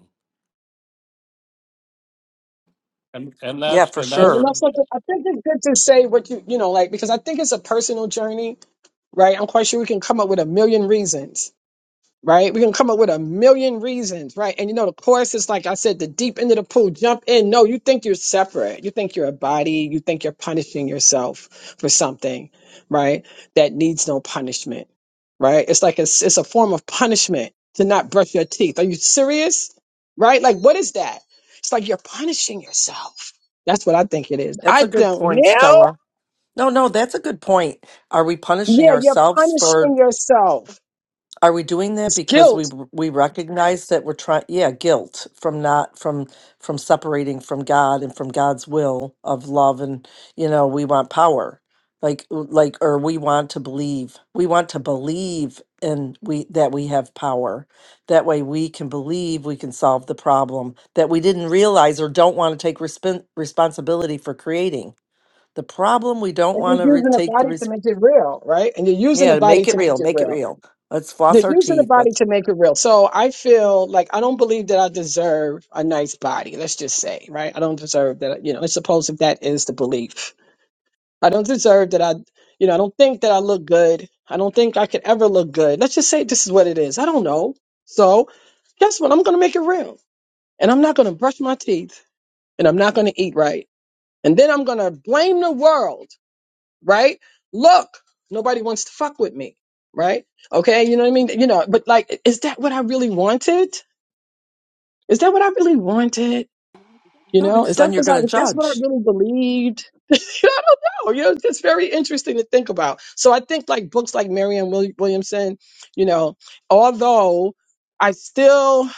And and Yeah, that's for and Maybe that's sure. not something I think it's good to say what you you know, like because I think it's a personal journey right? I'm quite sure we can come up with a million reasons, right? We can come up with a million reasons, right? And you know, the course is like I said, the deep end of the pool, jump in. No, you think you're separate. You think you're a body. You think you're punishing yourself for something, right? That needs no punishment, right? It's like it's, it's a form of punishment to not brush your teeth. Are you serious? Right? Like, what is that? It's like you're punishing yourself. That's what I think it is. That's I a good don't point, know. Stella. No, no, that's a good point. Are we punishing Yeah, you're ourselves for punishing yourself. Are we doing that It's because guilt we r- we recognize that we're trying? Yeah, guilt from not from from separating from God and from God's will of love, and you know we want power, like like or we want to believe. We want to believe in we that we have power. That way we can believe we can solve the problem that we didn't realize or don't want to take respon responsibility for creating. The problem we don't And want to you're re- using the take the body to risk. make it real, right? And you're using the Yeah, body make it to make real. it Make it real. real. Let's You're floss our using the teeth. body to make it real. So I feel like I don't believe that I deserve a nice body. Let's just say, right? I don't deserve that. You know, I suppose if that is the belief, I don't deserve that. I, you know, I don't think that I look good. I don't think I could ever look good. Let's just say this is what it is. I don't know. So guess what? I'm going to make it real. And I'm not going to brush my teeth and I'm not going to eat right. And then I'm going to blame the world right? Look, nobody wants to fuck with me, right? Okay, you know what I mean? You know, but like, is that what I really wanted? Is that what I really wanted? You No, know, because is then that you're was I? going to That's what I judge. really believed. I don't know. You know, it's just very interesting to think about. So I think like books like Marianne Will- Williamson. You know, although I still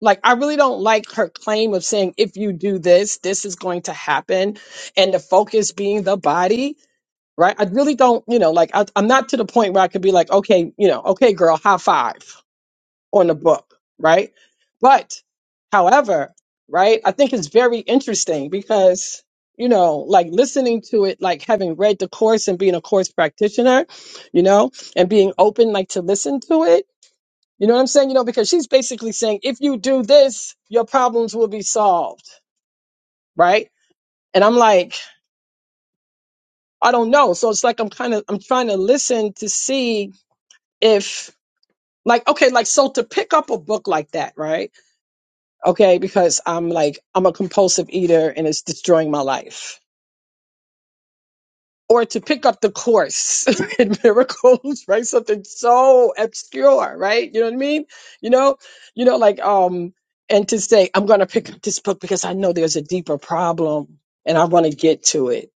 like, I really don't like her claim of saying if you do this, this is going to happen, and the focus being the body right? I really don't, you know, like I, I'm not to the point where I could be like, okay, you know, okay, girl, high five on the book, right? But, however, right, I think it's very interesting because, you know, like listening to it, like having read the course and being a course practitioner, you know, and being open, like to listen to it. You know what I'm saying? You know, because she's basically saying, if you do this, your problems will be solved, right? And I'm like, I don't know. So it's like I'm kind of, I'm trying to listen to see if like okay like so to pick up a book like that right okay because i'm like i'm a compulsive eater and it's destroying my life or to pick up the course in miracles right something so obscure right you know what i mean you know you know like um and to say i'm going to pick up this book because i know there's a deeper problem and i want to get to it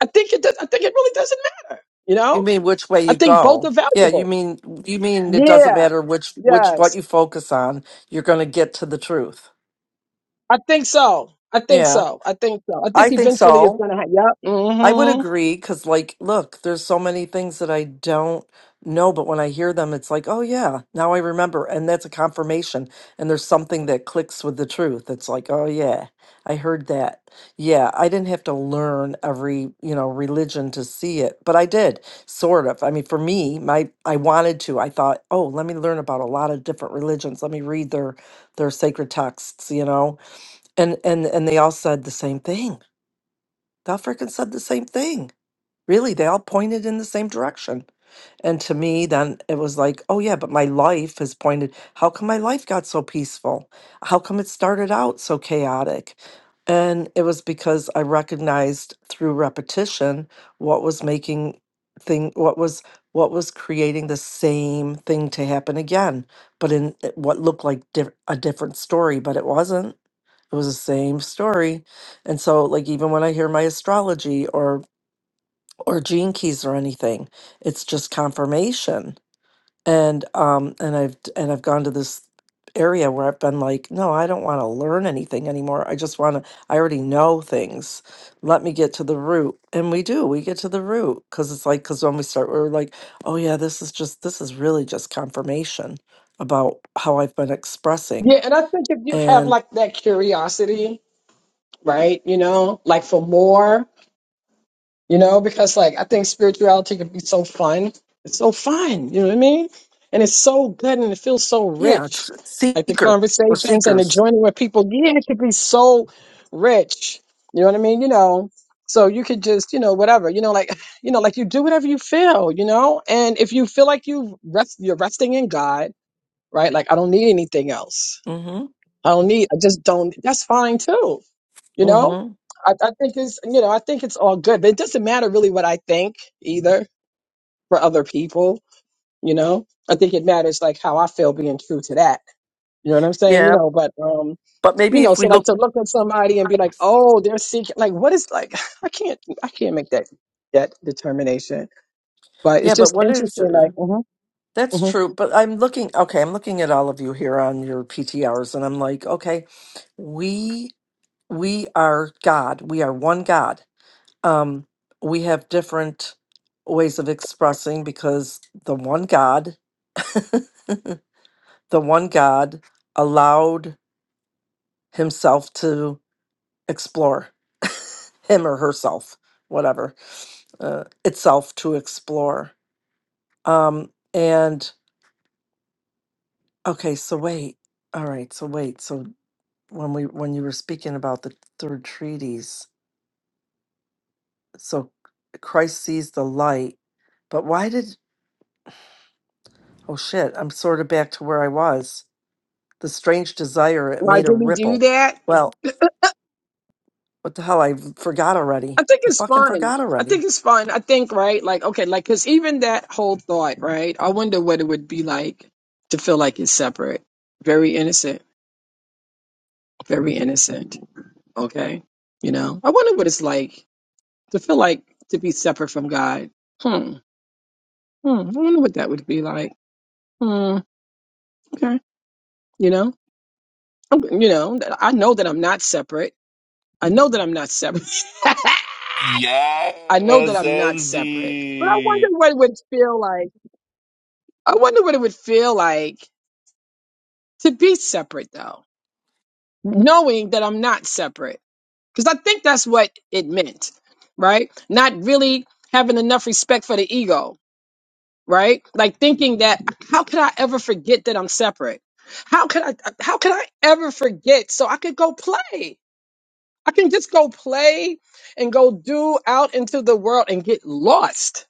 i think it does, i think it really doesn't matter you You know mean which way i you think both are go? Yeah, you valuable mean you mean it doesn't yeah matter which which what yes you focus on. You're going to get to the truth. I think so. I think Yeah, so. I think so. I I think think eventually it's so. gonna happen. Yep. I would hmm agree because, like, look, there's so many things that I don't know, but when I hear them, it's like, oh, yeah, now I remember. And that's a confirmation. And there's something that clicks with the truth. It's like, oh, yeah, I heard that. Yeah, I didn't have to learn every, you know, religion to see it, but I did, sort of. I mean, for me, my I wanted to. I thought, oh, let me learn about a lot of different religions. Let me read their their sacred texts, you know. And and and they all said the same thing. They all freaking said the same thing really they all pointed in the same direction and to me then it was like oh yeah but my life has pointed how come my life got so peaceful how come it started out so chaotic and it was because i recognized through repetition what was making thing what was what was creating the same thing to happen again but in it- what looked like diff- a different story but it wasn't it was the same story and so like even when i hear my astrology or or gene keys or anything. It's just confirmation. And um and I've and I've gone to this area where I've been like, no, I don't want to learn anything anymore. I just want to I already know things. Let me get to the root. And we do. We get to the root cuz it's like cuz when we start we're like, oh yeah, this is just this is really just confirmation about how I've been expressing. Yeah, and I think if you have And like that curiosity, right? You know, like for more, you know, because like I think spirituality can be so fun. It's so fun, you know what I mean? And it's so good and it feels so yeah, rich. it's it's Like the seeker or conversations and the seekers. joining with people, yeah, it could be so rich. You know what I mean? You know, so you could just, you know, whatever, you know, like, you know, like you do whatever you feel, you know? And if you feel like you rest, you're resting in God, right? Like, I don't need anything else. Mhm. I don't need, I just don't, that's fine too you know, Mhm. I, I think it's you know I think it's all good, but it doesn't matter really what I think either for other people. You know, I think it matters like how I feel being true to that. You know what I'm saying? You Yeah, know, but um, but you maybe know, if so we look like to look at somebody and be like, oh, they're seeking like what is like I can't I can't make that that determination. But Yeah, it's but just what is interesting, like, uh, hmm that's hmm true. But I'm looking, okay, I'm looking at all of you here on your PT hours, and I'm like, okay, we we are God. We are one God. Um, we have different ways of expressing because the one God, the one God allowed himself to explore him or herself, whatever, uh, itself to explore. Um, and Okay, so wait. All right, so wait. So when we when you were speaking about the third treaties, so Christ sees the light, but why did oh shit, I'm sort of back to where I was. The strange desire, it why made a did we do ripple. that? Well, what the hell? I forgot already. I think I it's fucking fine. forgot I already. think it's fine. I think, right? Like, okay, like, cause even that whole thought, right? I wonder what it would be like to feel like it's separate. Very innocent. Very innocent. Okay. You know, I wonder what it's like to feel like to be separate from God. Hmm. Hmm. I wonder what that would be like. Hmm. Okay. You know, I'm- you know, I know that I'm not separate. I know that I'm not separate. I know that Yes, I'm not separate, but I wonder Andy. what it would feel like. I wonder what it would feel like to be separate, though, knowing that I'm not separate. Because I think that's what it meant, right? Not really having enough respect for the ego, right? Like thinking that how could I ever forget that I'm separate? How could I? How could I ever forget? So I could go play. I can just go play and go do out into the world and get lost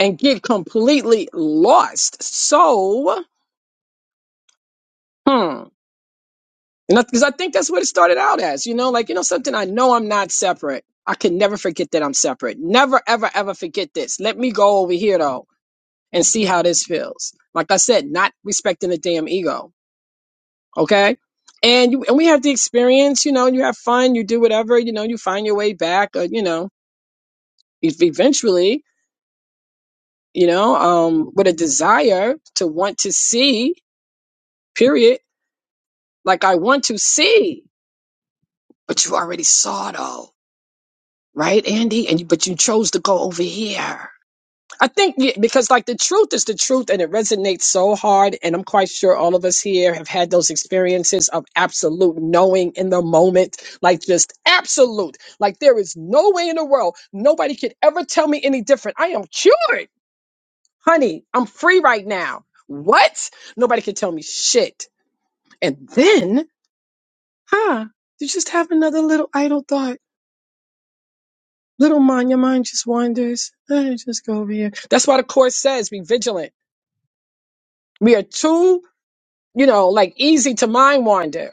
and get completely lost. So, hmm. And because I think that's what it started out as, you know, like, you know, something I know I'm not separate. I can never forget that I'm separate. Never, ever, ever forget this. Let me go over here though and see how this feels. Like I said, not respecting the damn ego. Okay. And you, and we have the experience, you know, you have fun, you do whatever, you know, you find your way back, or, you know, if eventually, you know, um, with a desire to want to see, period, like I want to see, but you already saw though right, Andy? And you, but you chose to go over here. I think yeah, because like the truth is the truth, and it resonates so hard. And I'm quite sure all of us here have had those experiences of absolute knowing in the moment, like just absolute, like there is no way in the world nobody could ever tell me any different. I am cured, honey. I'm free right now. What? Nobody can tell me shit. And then, huh? You just have another little idle thought Little mind, your mind just wanders. Eh, just go over here. That's why the course says be vigilant. We are too, you know, like easy to mind wander.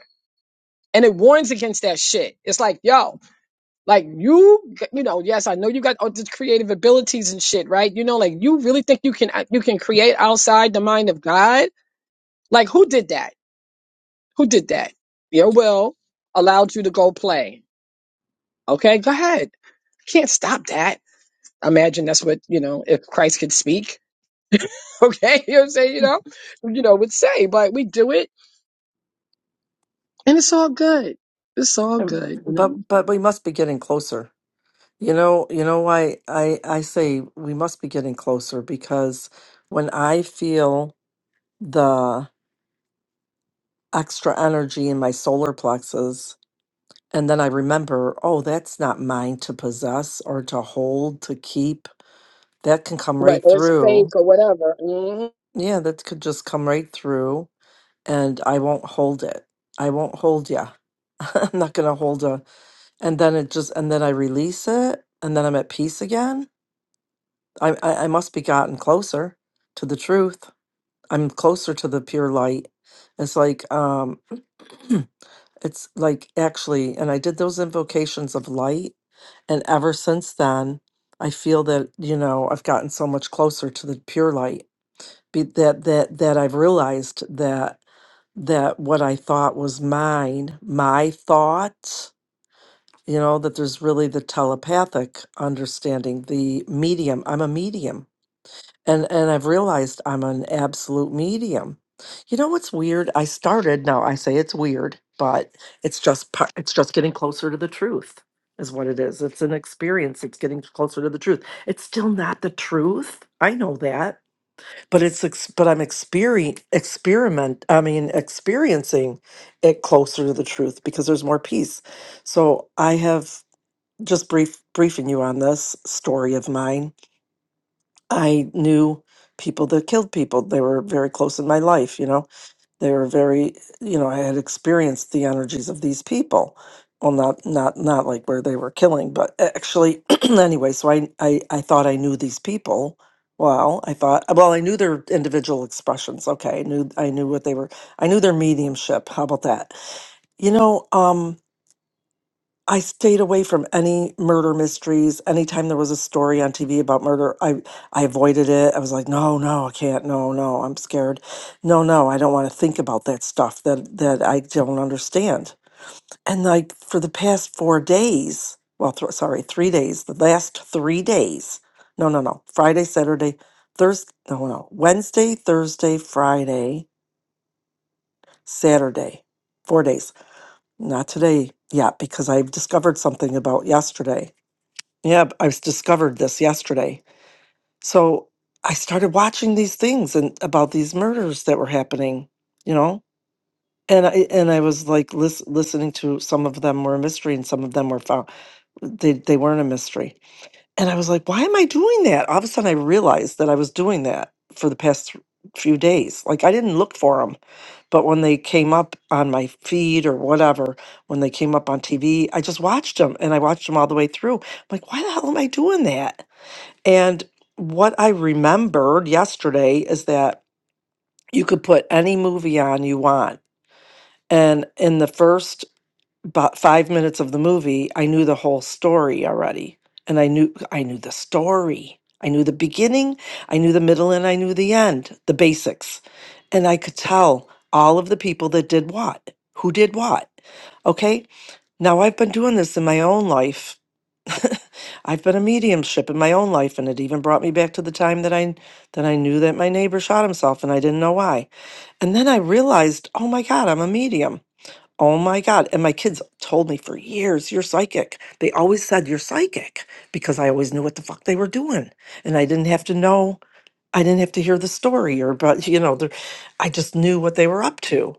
And it warns against that shit. It's like, yo, like you, you know, yes, I know you got all these creative abilities and shit, right? You know, like you really think you can, uh, you can create outside the mind of God? Like who did that? Who did that? Your will allowed you to go play. Okay, go ahead. Can't stop that. Imagine that's what, you know, if Christ could speak Okay, you know what I'm saying? You know, you know, would say, but we do it and it's all good. It's all Um, good, you know. But but we must be getting closer. You know, you know why I I say we must be getting closer because when I feel the extra energy in my solar plexus. And then I remember, oh, that's not mine to possess or to hold, to keep. That can come Right, right or it's through. fake or whatever. hmm Yeah, that could just come right through. And I won't hold it. I won't hold ya. I'm not going to hold a. And then it just, and then I release it. And then I'm at peace again. I, I, I must be gotten closer to the truth. I'm closer to the pure light. It's like um it's like actually and I did those invocations of light and ever since then I feel that you know I've gotten so much closer to the pure light be that that that I've realized that that what I thought was mine, my thought, you know, that there's really the telepathic understanding, the medium. I'm a medium and and I've realized I'm an absolute medium. You know what's weird? I started now. I say it's weird, but it's just par- it's just getting closer to the truth is what it is. It's an experience. It's getting closer to the truth. It's still not the truth. I know that, but it's ex- but I'm experi. experiment. I mean, experiencing it closer to the truth because there's more peace. So I have just brief briefing you on this story of mine I knew people that killed people. They were very close in my life, you know. They were very, you know, I had experienced the energies of these people. Well, not not not like where they were killing, but actually anyway, so I, I I thought I knew these people. Well, I thought well, I knew their individual expressions. Okay. I knew I knew what they were I knew their mediumship. How about that? You know, um, I stayed away from any murder mysteries. Anytime there was a story on TV about murder, I I avoided it. I was like, no, no, I can't. No, no, I'm scared. No, no, I don't want to think about that stuff that that I don't understand. And like for the past four days, well, th- sorry, three days. The last three days. No, no, no. Friday, Saturday, Thursday. No, no. Wednesday, Thursday, Friday, Saturday. Four days. Not today yet because I've discovered something about yesterday yeah, I was discovered this yesterday. So I started watching these things and about these murders that were happening, you know? And I and I was like lis- listening to some of them were a mystery and some of them were found they they weren't a mystery. And I was like, why am I doing that? All of a sudden I realized that I was doing that for the past th- few days. Like I didn't look for them, but when they came up on my feed or whatever, when they came up on TV, I just watched them and I watched them all the way through. I'm like, why the hell am I doing that? And what I remembered yesterday is that you could put any movie on you want. And in the first about five minutes of the movie, I knew the whole story already. And I knew I knew the story. I knew the beginning, I knew the middle, and I knew the end, the basics. And I could tell all of the people that did what, who did what. Okay. Now I've been doing this in my own life I've been a mediumship in my own life, and it even brought me back to the time that I that I knew that my neighbor shot himself, and I didn't know why. And then I realized, oh my god, I'm a medium. Oh my god! And my kids told me for years, "You're psychic." They always said, "You're psychic," because I always knew what the fuck they were doing, and I didn't have to know. I didn't have to hear the story, or but you know, the- I just knew what they were up to.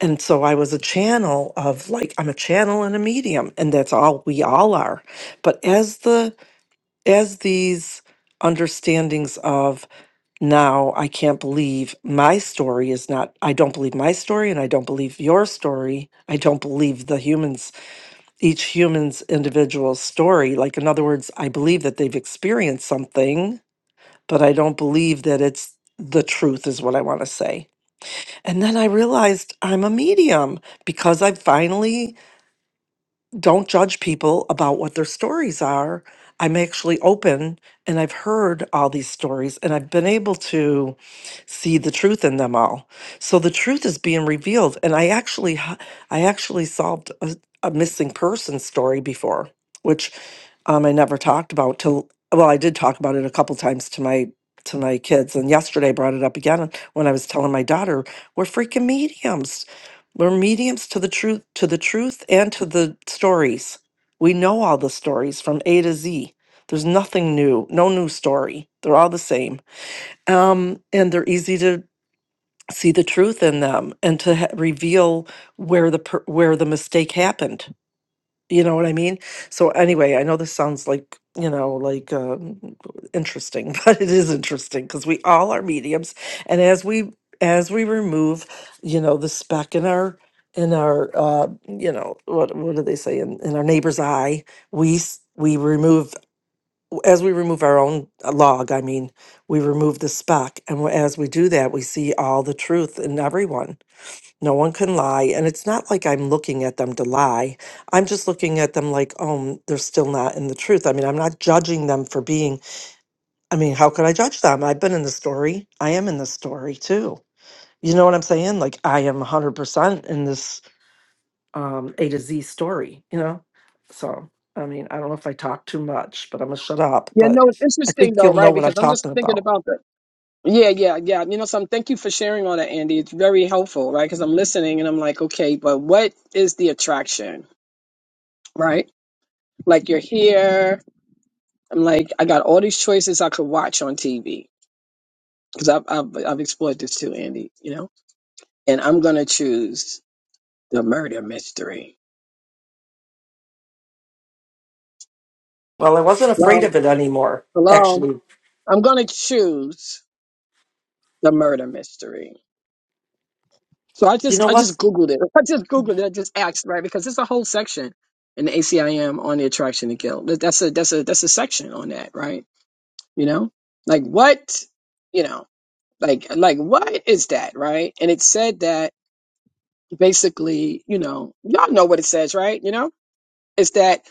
And so I was a channel of like I'm a channel and a medium, and that's all we all are. But as the as these understandings of now I can't believe my story is not I don't believe my story and I don't believe your story. I don't believe the humans each human's individual story. Like in other words, I believe that they've experienced something, but I don't believe that it's the truth is what I want to say. And then I realized I'm a medium because I finally don't judge people about what their stories are. I'm actually open and I've heard all these stories and I've been able to see the truth in them all. So the truth is being revealed and I actually h- I actually solved a, a missing person story before, which um, I never talked about till well I did talk about it a couple times to my to my kids and yesterday I brought it up again when I was telling my daughter we're freaking mediums we're mediums to the truth, to the truth and to the stories. We know all the stories from A to Z. There's nothing new, no new story. They're all the same. Um, and they're easy to see the truth in them and to ha- reveal where the per- where the mistake happened. You know what I mean? So anyway, I know this sounds like, you know, like um, interesting, but it is interesting because we all are mediums, and as we as we remove, you know, the speck in our in our uh, you know, what what do they say in, in our neighbor's eye, we s- we remove as we remove our own uh, log, I mean, we remove the speck, and as we do that, we see all the truth in everyone no one can lie. And it's not like I'm looking at them to lie. I'm just looking at them like, oh, mm, they're still not in the truth. I mean, I'm not judging them for being, I mean, how could I judge them? I've been in the story. I am in the story too. You know what I'm saying? Like, I am 100% in this um, A to Z story, you know? So, I mean, I don't know if I talk too much, but I'm gonna shut up, Yeah, but no, it's I interesting think though, you'll know right? what I'm Because I'm just talking thinking about. about the Yeah, yeah, yeah. You know, so I'm, thank you for sharing all that, Andy. It's very helpful, right? Because I'm listening and I'm like, okay, but what is the attraction, right? Like you're here. I'm like, I got all these choices I could watch on TV because I've, I've I've explored this too, Andy. You know, and I'm gonna choose the murder mystery Well, I wasn't afraid Well, of it anymore, hello. actually. I'm gonna choose the murder mystery. So I You just know I what? just googled it. I just googled it. I just asked right because there's a whole section in the ACIM on the attraction to guilt. That- That's a that's a that's a section on that, right? You know, like what you know, like like what is that, right? And it said that basically, you know, y'all know what it says, right? You know, it's that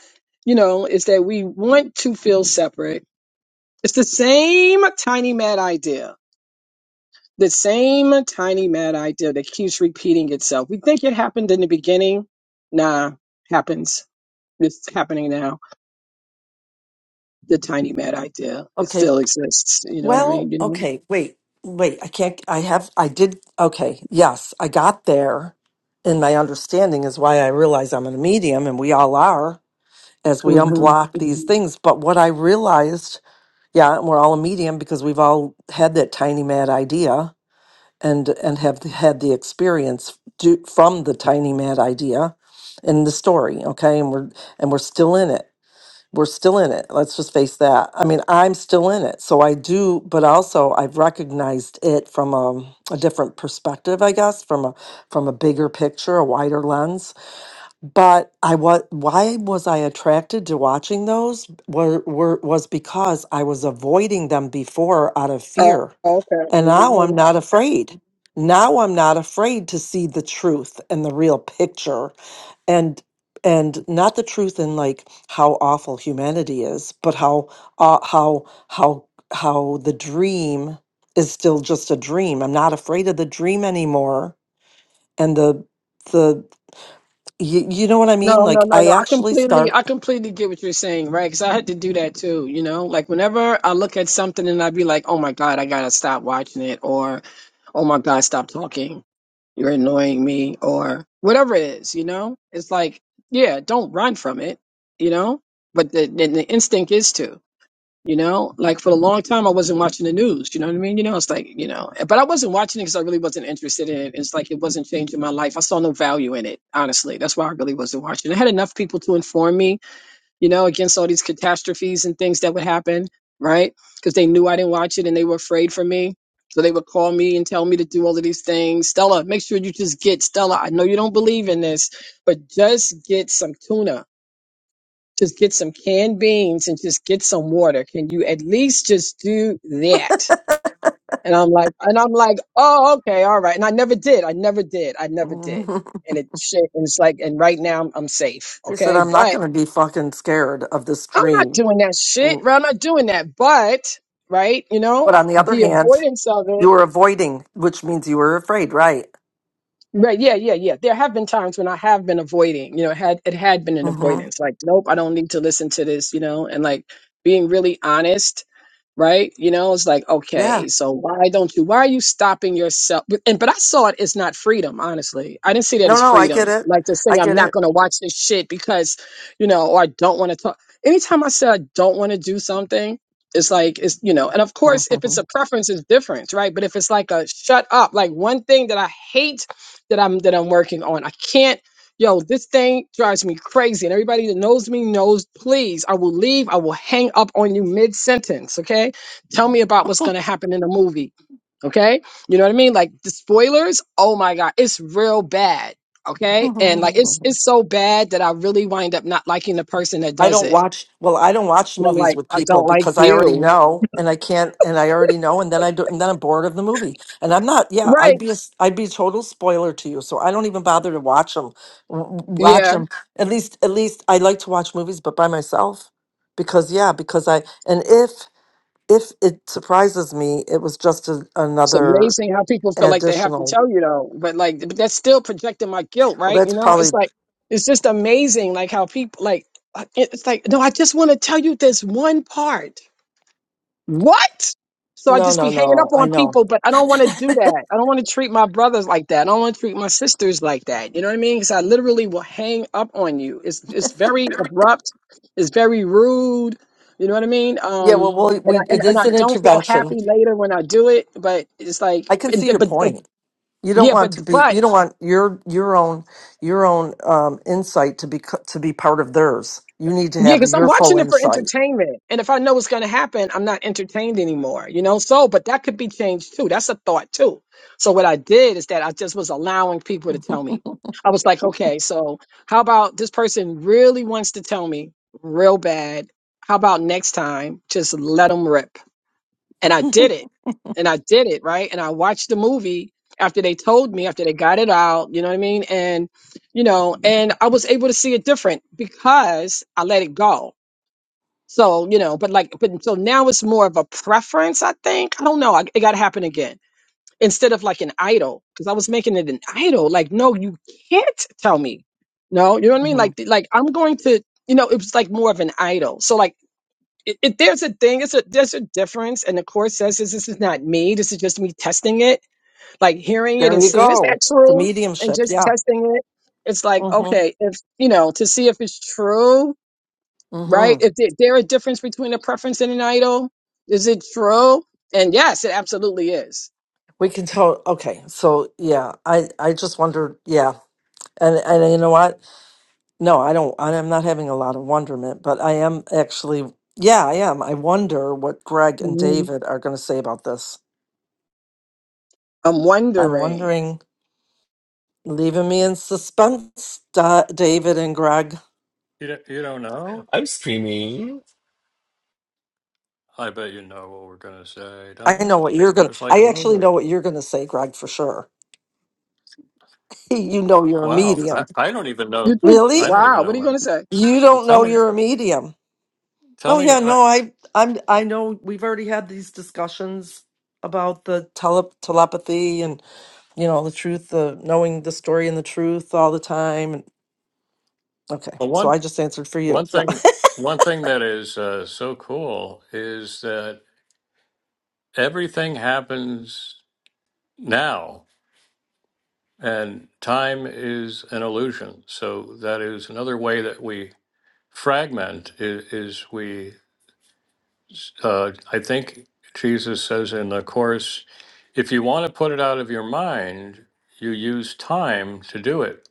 you know, it's that we want to feel separate. It's the same tiny mad idea The same tiny mad idea that keeps repeating itself. We think it happened in the beginning. Nah, happens. It's happening now. The tiny mad idea. It Okay, still exists. You know what I Well, mean? You know. okay, wait, wait. I can't, I have, I did, okay, yes, I got there. And my understanding is why I realize I'm a medium, and we all are as we hmm unblock these hmm things. But what I realized, yeah, we're all a medium because we've all had that tiny mad idea and and have had the experience do, from the tiny mad idea in the story okay and we're and we're still in it we're still in it. Let's just face that. I mean, I'm still in it. So I do, but also I've recognized it from a, a different perspective, I guess, from a from a bigger picture, a wider lens. But I was why was I attracted to watching those? Were, were was because I was avoiding them before out of Oh, fear. okay. And now Mm-hmm. I'm not afraid. Now I'm not afraid to see the truth and the real picture and and not the truth in like how awful humanity is but how uh, how how how the dream is still just a dream i'm not afraid of the dream anymore and the the you, you know what i mean No, no, like no, i no. I actually completely, start I completely get what you're saying, right? Because I had to do that too, you know? Like whenever I look at something and I'd be like, oh my God, I gotta stop watching it, or oh my God, stop talking. You're annoying me, or whatever it is, you know? It's like, yeah, don't run from it, you know? But the, the, the instinct is to. You know, like for a long time, I wasn't watching the news. You know what I mean? You know, it's like, you know, but I wasn't watching it because I really wasn't interested in it. It's like it wasn't changing my life. I saw no value in it, honestly. That's why I really wasn't watching. I had enough people to inform me, you know, against all these catastrophes and things that would happen, right? Because they knew I didn't watch it and they were afraid for me. So they would call me and tell me to do all of these things. Stella, make sure you just get Stella. I know you don't believe in this, but just get some tuna just get some canned beans and just get some water. Can you at least just do that? And I'm like, and I'm like, oh, okay, all right. And I never did. I never did. I never did. And it shit. And it's like, and right now I'm, I'm safe. He said Okay. i'm not But going to be fucking scared of this I'm not dream doing that shit, Mm. right? I'm not doing that. But, right, you know, but on the other the hand avoidance of you it. were avoiding which means you were afraid right Right, yeah, yeah, yeah. There have been times when I have been avoiding, you know, it had it had been an hmm avoidance. Like, nope, I don't need to listen to this, you know, and like being really honest right? You know, it's like, yeah okay, so why don't you, why are you stopping yourself? But- And, but I saw it as not freedom, honestly. I didn't see that no as no i get freedom. it Like to say, i I'm get not going to watch this shit because, you know, or I don't want to talk. Anytime I said I don't want to do something, it's like, it's, you know, and of course, it if it's a preference, it's different, right? But if it's like a shut up, like one thing that I hate that I'm, that I'm working on, I can't Yo, this thing drives me crazy. And everybody that knows me knows, please, I will leave. I will hang up on you mid sentence. Okay. Tell me about what's going to happen in the movie. Okay. You know what I mean? Like the spoilers. Oh my God. It's real bad. Okay. I And like, it's, it's so bad that I really wind up not liking the person that does don't it. watch, well, I don't watch And I'm movies like, with I people don't like because I already you. know and I can't, and I already know. And then I do, and then I'm bored of the movie and I'm not, yeah, Right. I'd be, a, s- I'd be a total spoiler to you. So I don't even bother to watch them, watch Yeah. them. At least, at least I like to watch movies, but by myself because yeah, because I, and if, if it surprises me, it was just a, It's another amazing how people feel like they have to additional, tell you though, but like but that's still projecting my guilt, well, right? You that's know, probably, it's like it's just amazing like how people like uh, it- it's like no, I just want to tell you this one part. What? So I no, just no, be hanging up no, I on know. people, but I don't want to do that. I don't want to treat my brothers like that. I don't want to treat my sisters like that. You know what I mean? Because I literally will hang up on you. It's it's very abrupt. It's very rude. You know what I mean? Yeah, Um, well, we, and we I and, it and is I an don't feel intervention. happy later when I do it. But it's like, I can see but your but, but point. You don't yeah, want but to be. but You don't want your your own your own um, insight to be co- to be part of theirs. You need to Yeah, have because I'm your full watching it for insight. entertainment. And if I know what's going to happen, I'm not entertained anymore, you know? So, but that could be changed too. That's a thought too. So, what I did is that I just was allowing people to tell me. I was like, okay, so how about this person really wants to tell me real bad? How about next time, just let them rip? And I did it. And I did it, right? And I watched the movie after they told me, after they got it out, you know what I mean? And, you know, and I was able to see it different because I let it go so, you know, but like, but so now it's more of a preference, I think. I don't know. I, it got to happen again instead of like an idol because I was making it an idol. Like, no, you can't tell me. No, you know what I mean? hmm Like, like I'm going to, you know, it was like more of an idol. So like, it, it, there's a thing, it's a, there's a difference. And the course says this, this is not me. This is just me testing it, like hearing it There and you seeing, is go. that The true? And mediumship. just Yeah. testing it. It's like, hmm okay, if, you know, to see if it's true right? hmm Is it- there a difference between a preference and an idol? Is it true? And yes, it absolutely is. We can tell. Okay. So yeah, I I just wondered. Yeah, and and you know what? No, I don't. I- I'm not having a lot of wonderment, but I am actually, yeah, I am. I wonder what Greg and Mhm. David are going to say about this. I'm I'm wondering. wondering, leaving me in suspense, Da- David and Greg. you don't, you don't know. I'm streaming. I bet you know what we're gonna say, don't I know you? what you're going to, Just like a I actually know movie. what you're going to say, Greg, for sure. You know you're a Wow, I, medium. I don't even You know. think? Really? I don't Wow, even what know are you going what. to say? You don't Tell know me, you're a medium. tell Oh me. yeah, I, no, I I'm I know we've already had these discussions about the tele telepathy and you know, the truth, the knowing the story and the truth all the time. And okay, the so one I just answered for you. one No. thing one thing that is uh, so cool is that everything happens now, and time is an illusion. So that is another way that we fragment is, is we uh, I think Jesus says in the Course, if you want to put it out of your mind, you use time to do it.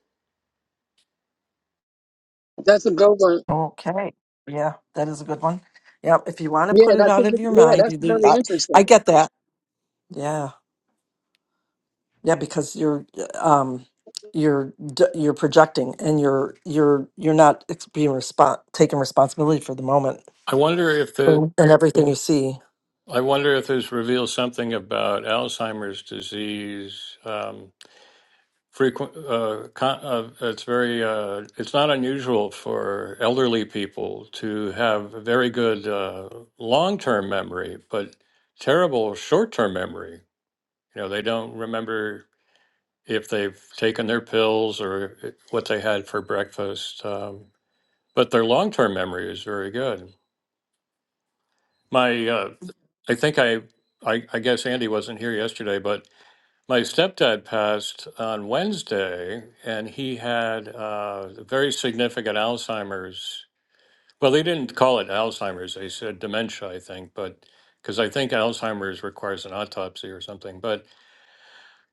That's a good one. okay, yeah, that is a good one. Yeah, if you want to Yeah, put and it I out think of it, your yeah, mind, that's you do. very I, I interesting. get that. Yeah, yeah, because you're, um, you're d- you're projecting and you're you're you're not ex- being respon taking responsibility for the moment I wonder if the Mm. and everything you see. I wonder if this reveals something about Alzheimer's disease. Um, frequent, uh, con- uh, it's very, uh, it's not unusual for elderly people to have very good uh, long-term memory, but terrible short-term memory. You know, they don't remember if they've taken their pills or eh, what they had for breakfast. Um, but their long-term memory is very good. My, uh, I think I, I, I guess Andy wasn't here yesterday, but my stepdad passed on Wednesday, and he had uh, very significant Alzheimer's. Well, they didn't call it Alzheimer's; they said dementia, I think, but because I think Alzheimer's requires an autopsy or something, but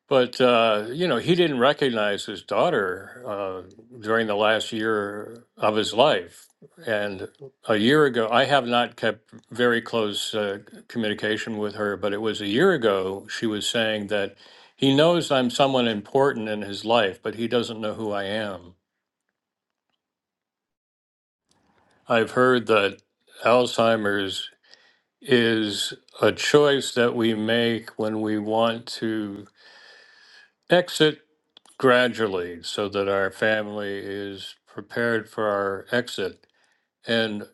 But uh, you know, he didn't recognize his daughter uh, during the last year of his life. And a year ago, I have not kept very close uh, communication with her, but it was a year ago she was saying that he knows I'm someone important in his life, but he doesn't know who I am. I've heard that Alzheimer's is a choice that we make when we want to exit gradually so that our family is prepared for our exit. And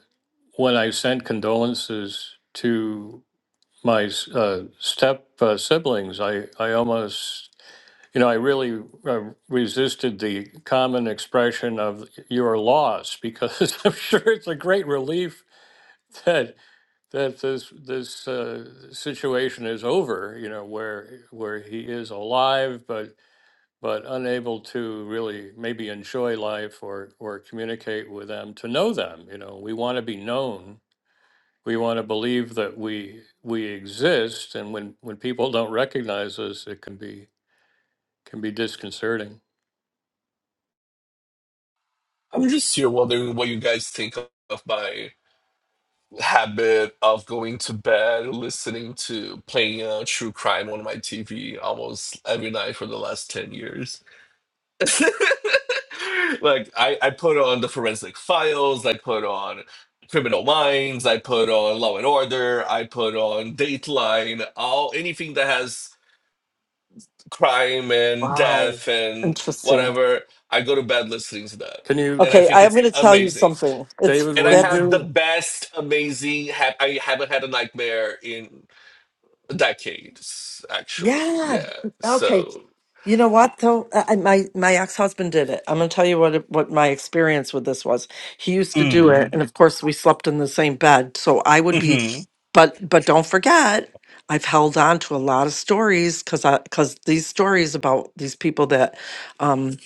when I sent condolences to my uh, step uh, siblings, I, I almost, you know, I really uh, resisted the common expression of your loss because I'm sure it's a great relief that that this this uh, situation is over. You know, where where he is alive, but but unable to really maybe enjoy life or or communicate with them to know them you know we want to be known we want to believe that we we exist and when when people don't recognize us it can be can be disconcerting I'm just here wondering what you guys think of my habit of going to bed, listening to playing uh, true crime on my TV almost every night for the last 10 years. like, I, I put on the forensic files, I put on Criminal Minds, I put on Law and Order, I put on Dateline, all anything that has crime and Wow. death and Interesting. whatever. I go to bed listening to that. can And you I Okay, think I'm it's going to tell you amazing. something. It's david And I will you that's have the do best, amazing. Ha- I haven't had a nightmare in decades, actually. Yeah. yeah. Okay. So, You know what though? I, I- my my ex husband did it. I'm going to tell you what it- what my experience with this was. He used to do it, mm, and of course we slept in the same bed. So I would be, hmm but but don't forget, I've held on to a lot of stories because I because these stories about these people that, um,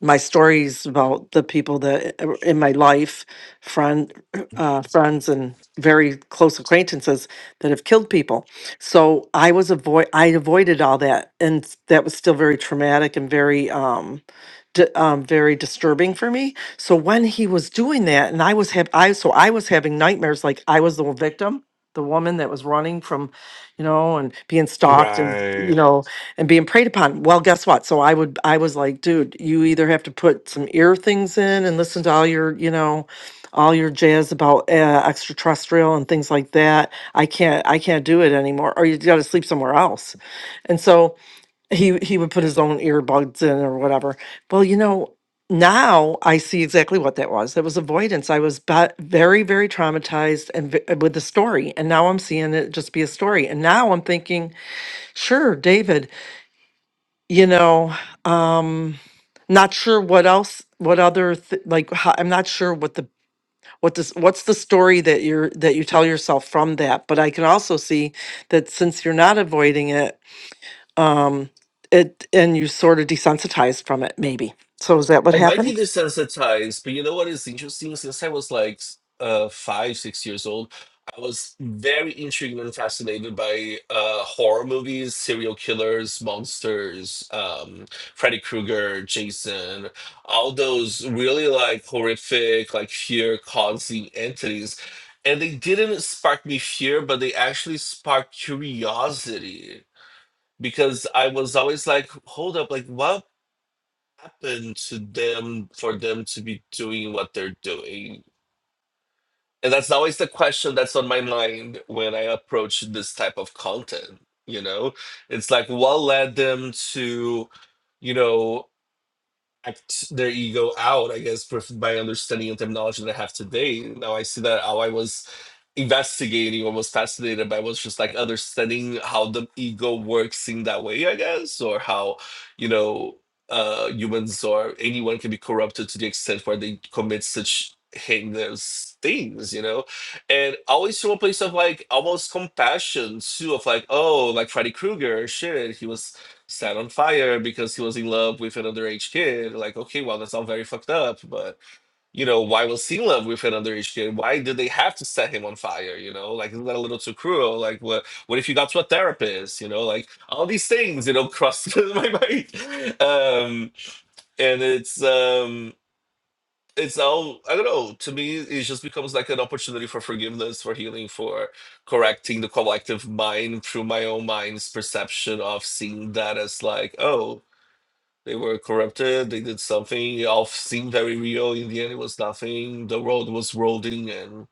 my stories about the people that i- in my life, friend, uh, friends and very close acquaintances that have killed people so I was avoid I avoided all that, and s- that was still very traumatic and very um, di- um very disturbing for me. So when he was doing that, and I was have I so I was having nightmares like I was the victim, the woman that was running from, you know, and being stalked and you right. know and being preyed upon. Well, guess what? So I would I was like, dude, you either have to put some ear things in and listen to all your you know all your jazz about uh, extraterrestrial and things like that I can't I can't do it anymore or you got to sleep somewhere else. And so he he would put his own earbuds in or whatever. Well, you know, now I see exactly what that was. That was avoidance. I was ba- very very traumatized and v- with the story and now I'm seeing it just be a story. And now I'm thinking, sure, David, you know, um not sure what else what other th- like ho- I'm not sure what the what does what's the story that you're that you tell yourself from that but i can also see that since you're not avoiding it um it and you sort of desensitized from it maybe so is that what I might happened be desensitized, but you know what is interesting? Since I was like s- uh, five, six years old, I was very intrigued and fascinated by uh, horror movies, serial killers, monsters, um, Freddy Krueger, Jason, all those really like horrific, like fear causing entities. And they didn't spark me fear, but they actually sparked curiosity because I was always like, hold up, like what? happen to them for them to be doing what they're doing? And that's always the question that's on my mind when I approach this type of content. You know, it's like what led them to, you know, act their ego out, I guess, with my understanding the terminology that I have today. Now I see that how I was investigating or was fascinated by was just like understanding how the ego works in that way, I guess, or how, you know, uh humans or anyone can be corrupted to the extent where they commit such heinous things, you know? And always from a place of like almost compassion too, of like, oh, like Freddy Krueger, shit, he was set on fire because he was in love with an underage kid. Like, okay, well, that's all very fucked up, but you know, why was he in love with an underage kid? Why did they have to set him on fire? You know, like isn't that a little too cruel? Like, what what if you got to a therapist? You know, like all these things, you know, cross my mind. Um, and it's um it's all I don't know. To me, it just becomes like an opportunity for forgiveness, for healing, for correcting the collective mind through my own mind's perception of seeing that as like, oh, they were corrupted. They did something. It all seemed very real. In the end, it was nothing. The world was rolling, and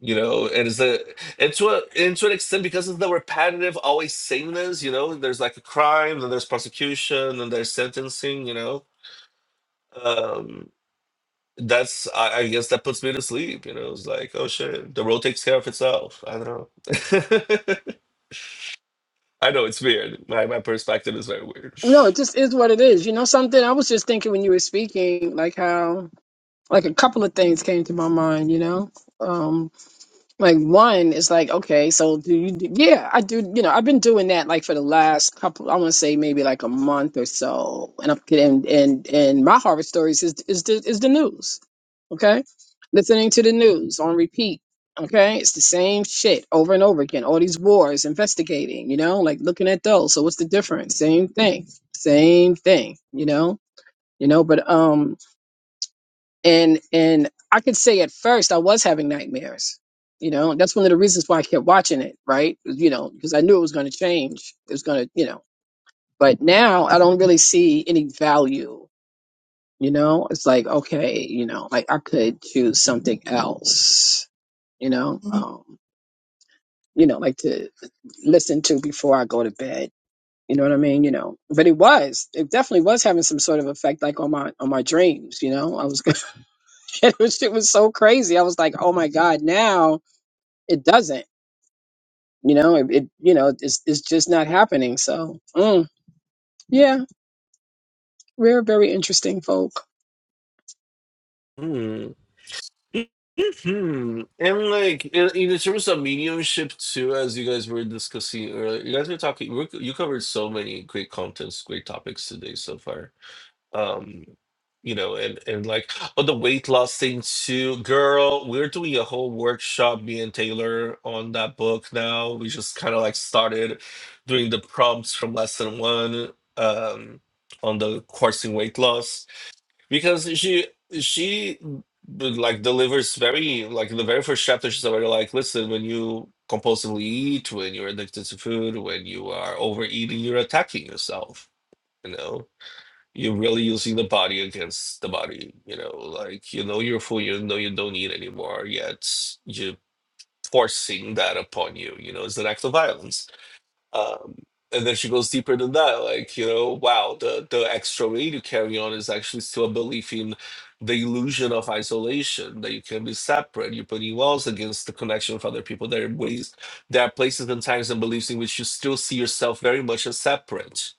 you know, and it's a and to a and to an extent because of the repetitive, always sameness. You know, there's like a crime, then there's prosecution, then there's sentencing. You know, um, that's I, I guess that puts me to sleep. You know, it's like oh shit, the world takes care of itself. I don't know. I know it's weird. My my perspective is very weird. No, it just is what it is. You know something? I was just thinking when you were speaking, like how like a couple of things came to my mind. You know, Um, Like one is like, okay, so do you, yeah, I do, you know, I've been doing that like for the last couple, I want to say maybe like a month or so. And I'm and and, and my harvest stories is, is the, is the news. Okay. Listening to the news on repeat. Okay. It's the same shit over and over again. All these wars, investigating, you know, like looking at those. So what's the difference? Same thing, same thing, you know, you know, but, um, and and I could say at first I was having nightmares. You know, that's one of the reasons why I kept watching it, right? You know, because I knew it was going to change. It was going to, you know. But now I don't really see any value. You know, it's like okay, you know, like I could choose something else. You know, um, you know, like to listen to before I go to bed. You know what I mean? You know, but it was, it definitely was having some sort of effect, like on my on my dreams. You know, I was it was it was so crazy. I was like, oh my god, now it doesn't. You know, it, it you know it's it's just not happening. So mm, yeah, we're very interesting folk. Mhm. And like in, in terms of mediumship too, as you guys were discussing earlier, you guys were talking. we're- You covered so many great contents, great topics today so far. Um, you know, and and like oh, the weight loss thing too, girl. We're doing a whole workshop, me and Taylor, on that book now. We just kind of like started doing the prompts from lesson one, um, on the coursing weight loss because she she like delivers very like in the very first chapter she's already like listen when you compulsively eat when you're addicted to food when you are overeating you're attacking yourself you know you're really using the body against the body you know like you know you're full you know you don't eat anymore yet you're forcing that upon you you know it's an act of violence um, and then she goes deeper than that, like, you know, wow, the, the extra weight you carry on is actually still a belief in the illusion of isolation, that you can be separate. You're putting walls against the connection with other people. There are ways, there are places and times and beliefs in which you still see yourself very much as separate.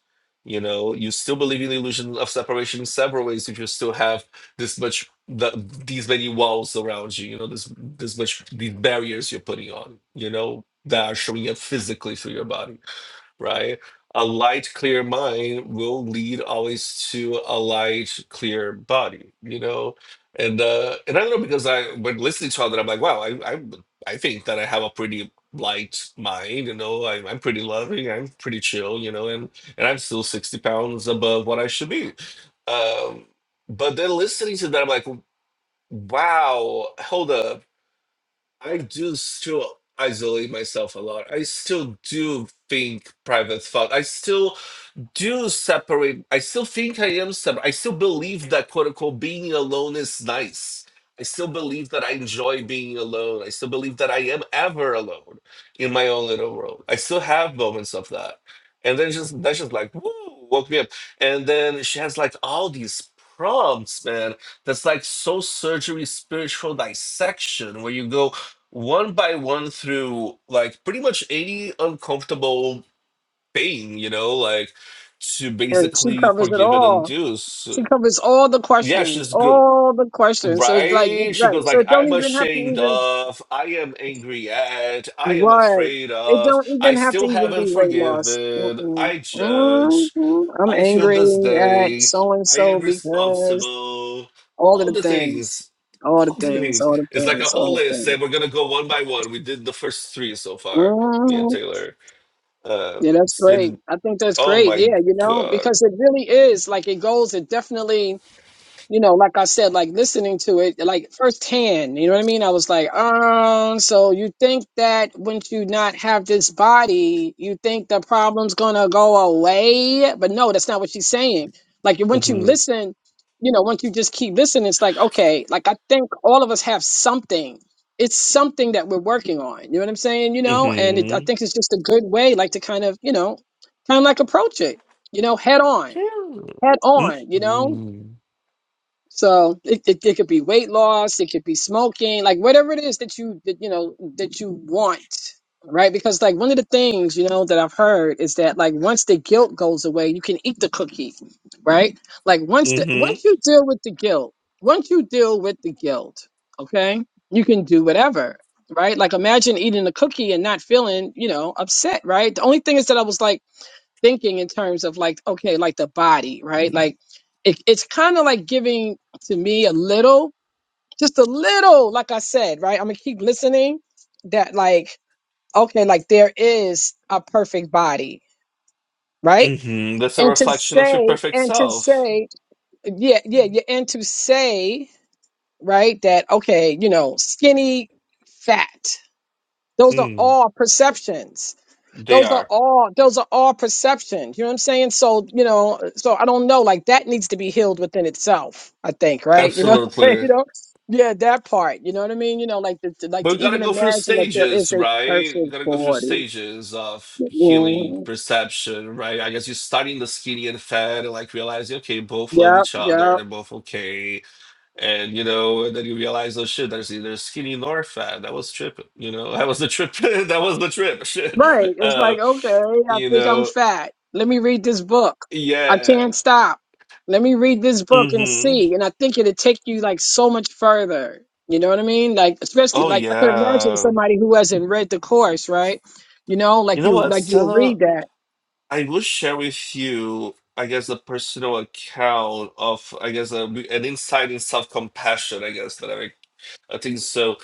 You know, you still believe in the illusion of separation in several ways if you still have this much, the, these many walls around you, you know, this, this much, these barriers you're putting on, you know, that are showing up physically through your body, right? A light, clear mind will lead always to a light, clear body, you know? And uh and I don't know because I when listening to all that I'm like, wow, I I I think that I have a pretty light mind, you know, I, I'm pretty loving, I'm pretty chill, you know, and and I'm still 60 pounds above what I should be. Um but then listening to that, I'm like, wow, hold up I do still isolate myself a lot. I still do think private thought. I still do separate. I still think I am separate. I still believe that quote unquote being alone is nice. I still believe that I enjoy being alone. I still believe that I am ever alone in my own little world. I still have moments of that. And then just that's just like woo, woke me up. And then she has like all these prompts, man. That's like soul surgery spiritual dissection where you go one by one through like pretty much 80 uncomfortable thing, you know, like to And she basically covers it forgive and all. undo. She So, covers all the yeah, questions, she's good, all the questions. So it's like, it's right? She like goes so like, it don't "I'm even have to ashamed even of, I am angry at, I am right. afraid It of, don't I even have to still even be haven't weight loss. forgiven, Mm-mm. I judge, Mm-mm. I'm I feel angry this at day, so and I so am because responsible." all of All the the things, things, all the all the things, things. all the It's like a things, all whole the list, things. and we're gonna go one by one. We did the first three so far, me and hmm Taylor um Yeah, that's great. I think that's Oh great. my Yeah, you know, god. because it really is like it goes, it definitely you know, like I said, like listening to it, like firsthand, you know what I mean? I was like, um, so you think that once you not have this body, you think the problem's gonna go away? But no, that's not what she's saying. Like once you Mm-hmm. listen, you know, once you just keep listening, it's like, okay, like I think all of us have something. It's something that we're working on. You know what I'm saying? You know, and it, I Mm-hmm. think it's just a good way, like to kind of, you know, kind of like approach it, you know, head on, Yeah. head on, you know? Mm-hmm. So it, it, it could be weight loss, it could be smoking, like whatever it is that you that, you know that you want, right? Because like one of the things you know that I've heard is that like once the guilt goes away, you can eat the cookie, right? Like once the once Mm-hmm. you deal with the guilt, once you deal with the guilt, okay, you can do whatever, right? Like imagine eating a cookie and not feeling you know upset, right? The only thing is that I was like thinking in terms of like okay like the body right like it, it's kind of like giving to me a little just a little like i said right i'm gonna keep listening that like okay like there is a perfect body right Mm-hmm. That's a and to reflection of your say perfect and to self. say yeah yeah yeah and to say right that okay you know skinny fat those are Mm. all perceptions They those are are. all those are all perception you know what i'm saying so you know so i don't know like that needs to be healed within itself i think right you know you Absolutely. know yeah that part you know what i mean you know like the, to- like But we to gotta even go through imagine that there is stages, a right? We perfect gotta go through body stages of healing perception, right? I guess you're starting the skinny and fat and like realizing, okay, both love yeah each yeah other, they're both okay And you know, and then you realize, oh shit, there's either skinny nor fat. That was tripping. You know, that was the trip. that was the trip. Right. Shit. It's Uh, like, okay, I you think I'm know, fat. Let me read this book. I yeah. can't stop. Let me read this book and Mm-hmm. see. And I think it will take you like so much further. You know what I mean? Like, especially Oh like I could imagine yeah. somebody who hasn't read the course, right? You know, You like know you what, like you'll Stella? read that. I will share with you, I guess, a personal account of, I guess, a, an insight in self-compassion. I guess that I've I think so.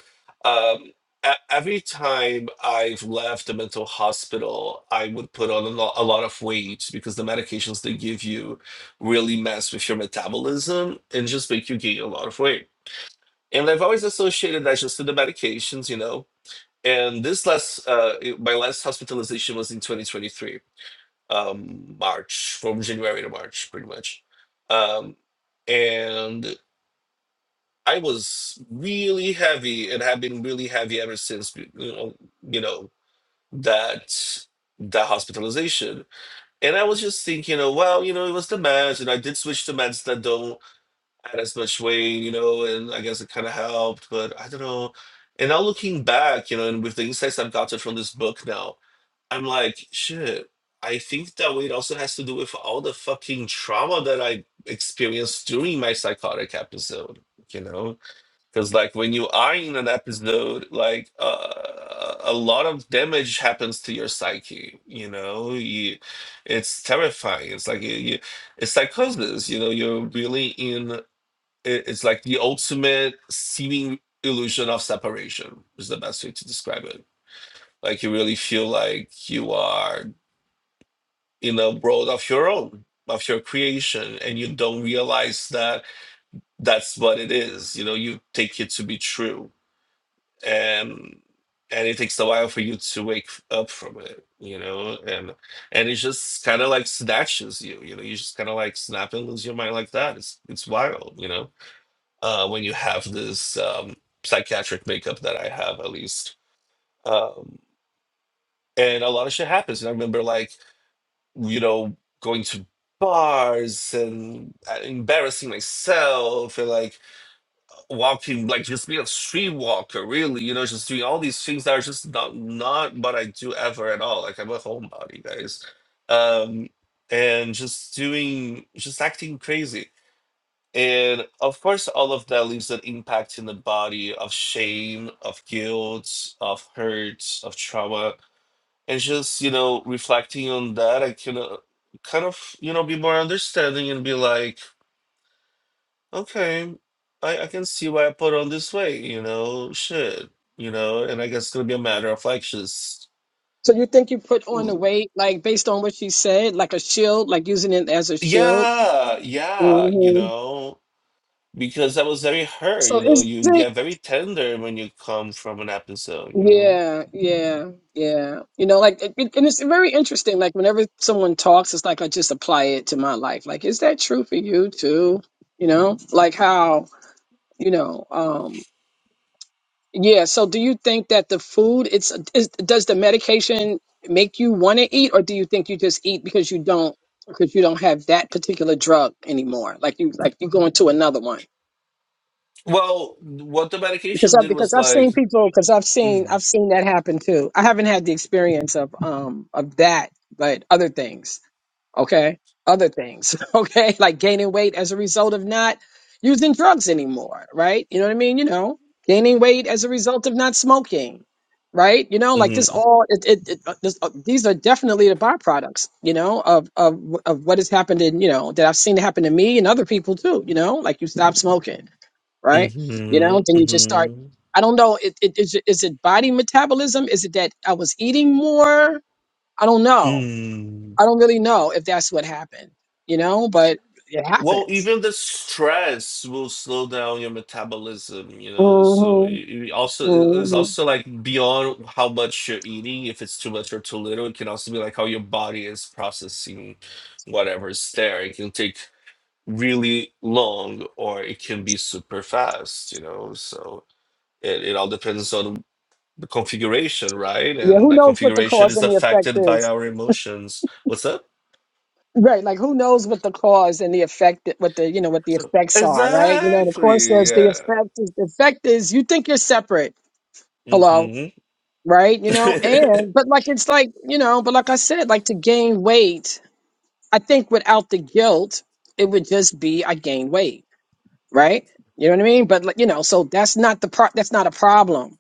Um, e- every time I've left a mental hospital, I would put on a lot, a lot of weight because the medications they give you really mess with your metabolism and just make you gain a lot of weight. And I've always associated that just to the medications, you know. And this last, uh, it- my last hospitalization was in 2023, um, March, from January to March, pretty much. Um, and I was really heavy and have been really heavy ever since you know, you know that that hospitalization. And I was just thinking, you know, well, you know, it was the meds, and I did switch to meds that don't add as much weight, you know, and I guess it kind of helped, but I don't know. And now looking back, you know, and with the insights I've gotten from this book now, I'm like, shit. I think that weight also has to do with all the fucking trauma that I experienced during my psychotic episode, you know? because like when you are in an episode like uh, a lot of damage happens to your psyche you know you, it's terrifying it's like you, you it's psychosis you know you're really in it- it's like the ultimate seeming illusion of separation is the best way to describe it like you really feel like you are in a world of your own of your creation and you don't realize that that's what it is you know you take it to be true and and it takes a while for you to wake f- up from it you know and and it just kind of like snatches you you know you just kind of like snap and lose your mind like that it's it's wild you know uh when you have this um psychiatric makeup that i have at least um and a lot of shit happens and i remember like you know going to bars and uh, embarrassing myself and like walking like just be a street walker really you know just doing all these things that are just not not what i do ever at all like i'm a homebody guys um and just doing just acting crazy and of course all of that leaves an impact in the body of shame of guilt of hurt of trauma and just you know reflecting on that i can uh, kind of you know be more understanding and be like Okay, I, I can see why I put on this weight, you know, shit, you know, and I guess it's gonna be a matter of like just, So you think you put on the l- weight, like based on what she said, like a shield, like using it as a shield. yeah, yeah, you hmm know, because I was very hurt, So you know, is you it? get very tender when you come from an episode, you know. Yeah, yeah, yeah. You know, like, it, it- and it's very interesting. Like, whenever someone talks, it's like I just apply it to my life. Like, is that true for you too? You know, like how, you know, um, yeah. So, do you think that the food, it's, is, does the medication make you want to eat, or do you think you just eat because you don't, because you don't have that particular drug anymore? Like, you, like you going to another one. Well, what the because medication I did because was I've like, seen people because I've seen mm, I've seen that happen too. I haven't had the experience of um of that, but other things. Okay, other things. Okay, like gaining weight as a result of not using drugs anymore. Right? You know what I mean? You know, gaining weight as a result of not smoking. Right? You know, like this mm, all it, it, it uh, this, uh, these are definitely the byproducts. You know of of of what has happened in you know that I've seen happen to me and other people too. You know, like you stop smoking right? You mm-hmm, know, then you just start. mm-hmm, I don't know. It, it, is, it- is it body metabolism? Is it that I was eating more? I don't know. mm. I don't really know if that's what happened, you know, but it Well, happens. even the stress will slow down your metabolism, you know. So it hmm it also it's hmm also like beyond how much you're eating. If it's too much or too little, it can also be like how your body is processing whatever is there. It can take really long, or it can be super fast, you know. So it, it all depends on the configuration, right? Yeah, And who that knows what the configuration cause is and the effect affected by is? our emotions. What's up? Right, like who knows what the cause and the effect, what the you know what the So- effects are, right? You know, the cause Exactly. says the Yeah. effect is the effect is you think you're separate. Hello, hmm right? You know, and but like it's like you know, but like I said, like to gain weight I think without the guilt, it would just be I gain weight, right? You know what I mean? But like, you know, so that's not the pro- that's not a problem.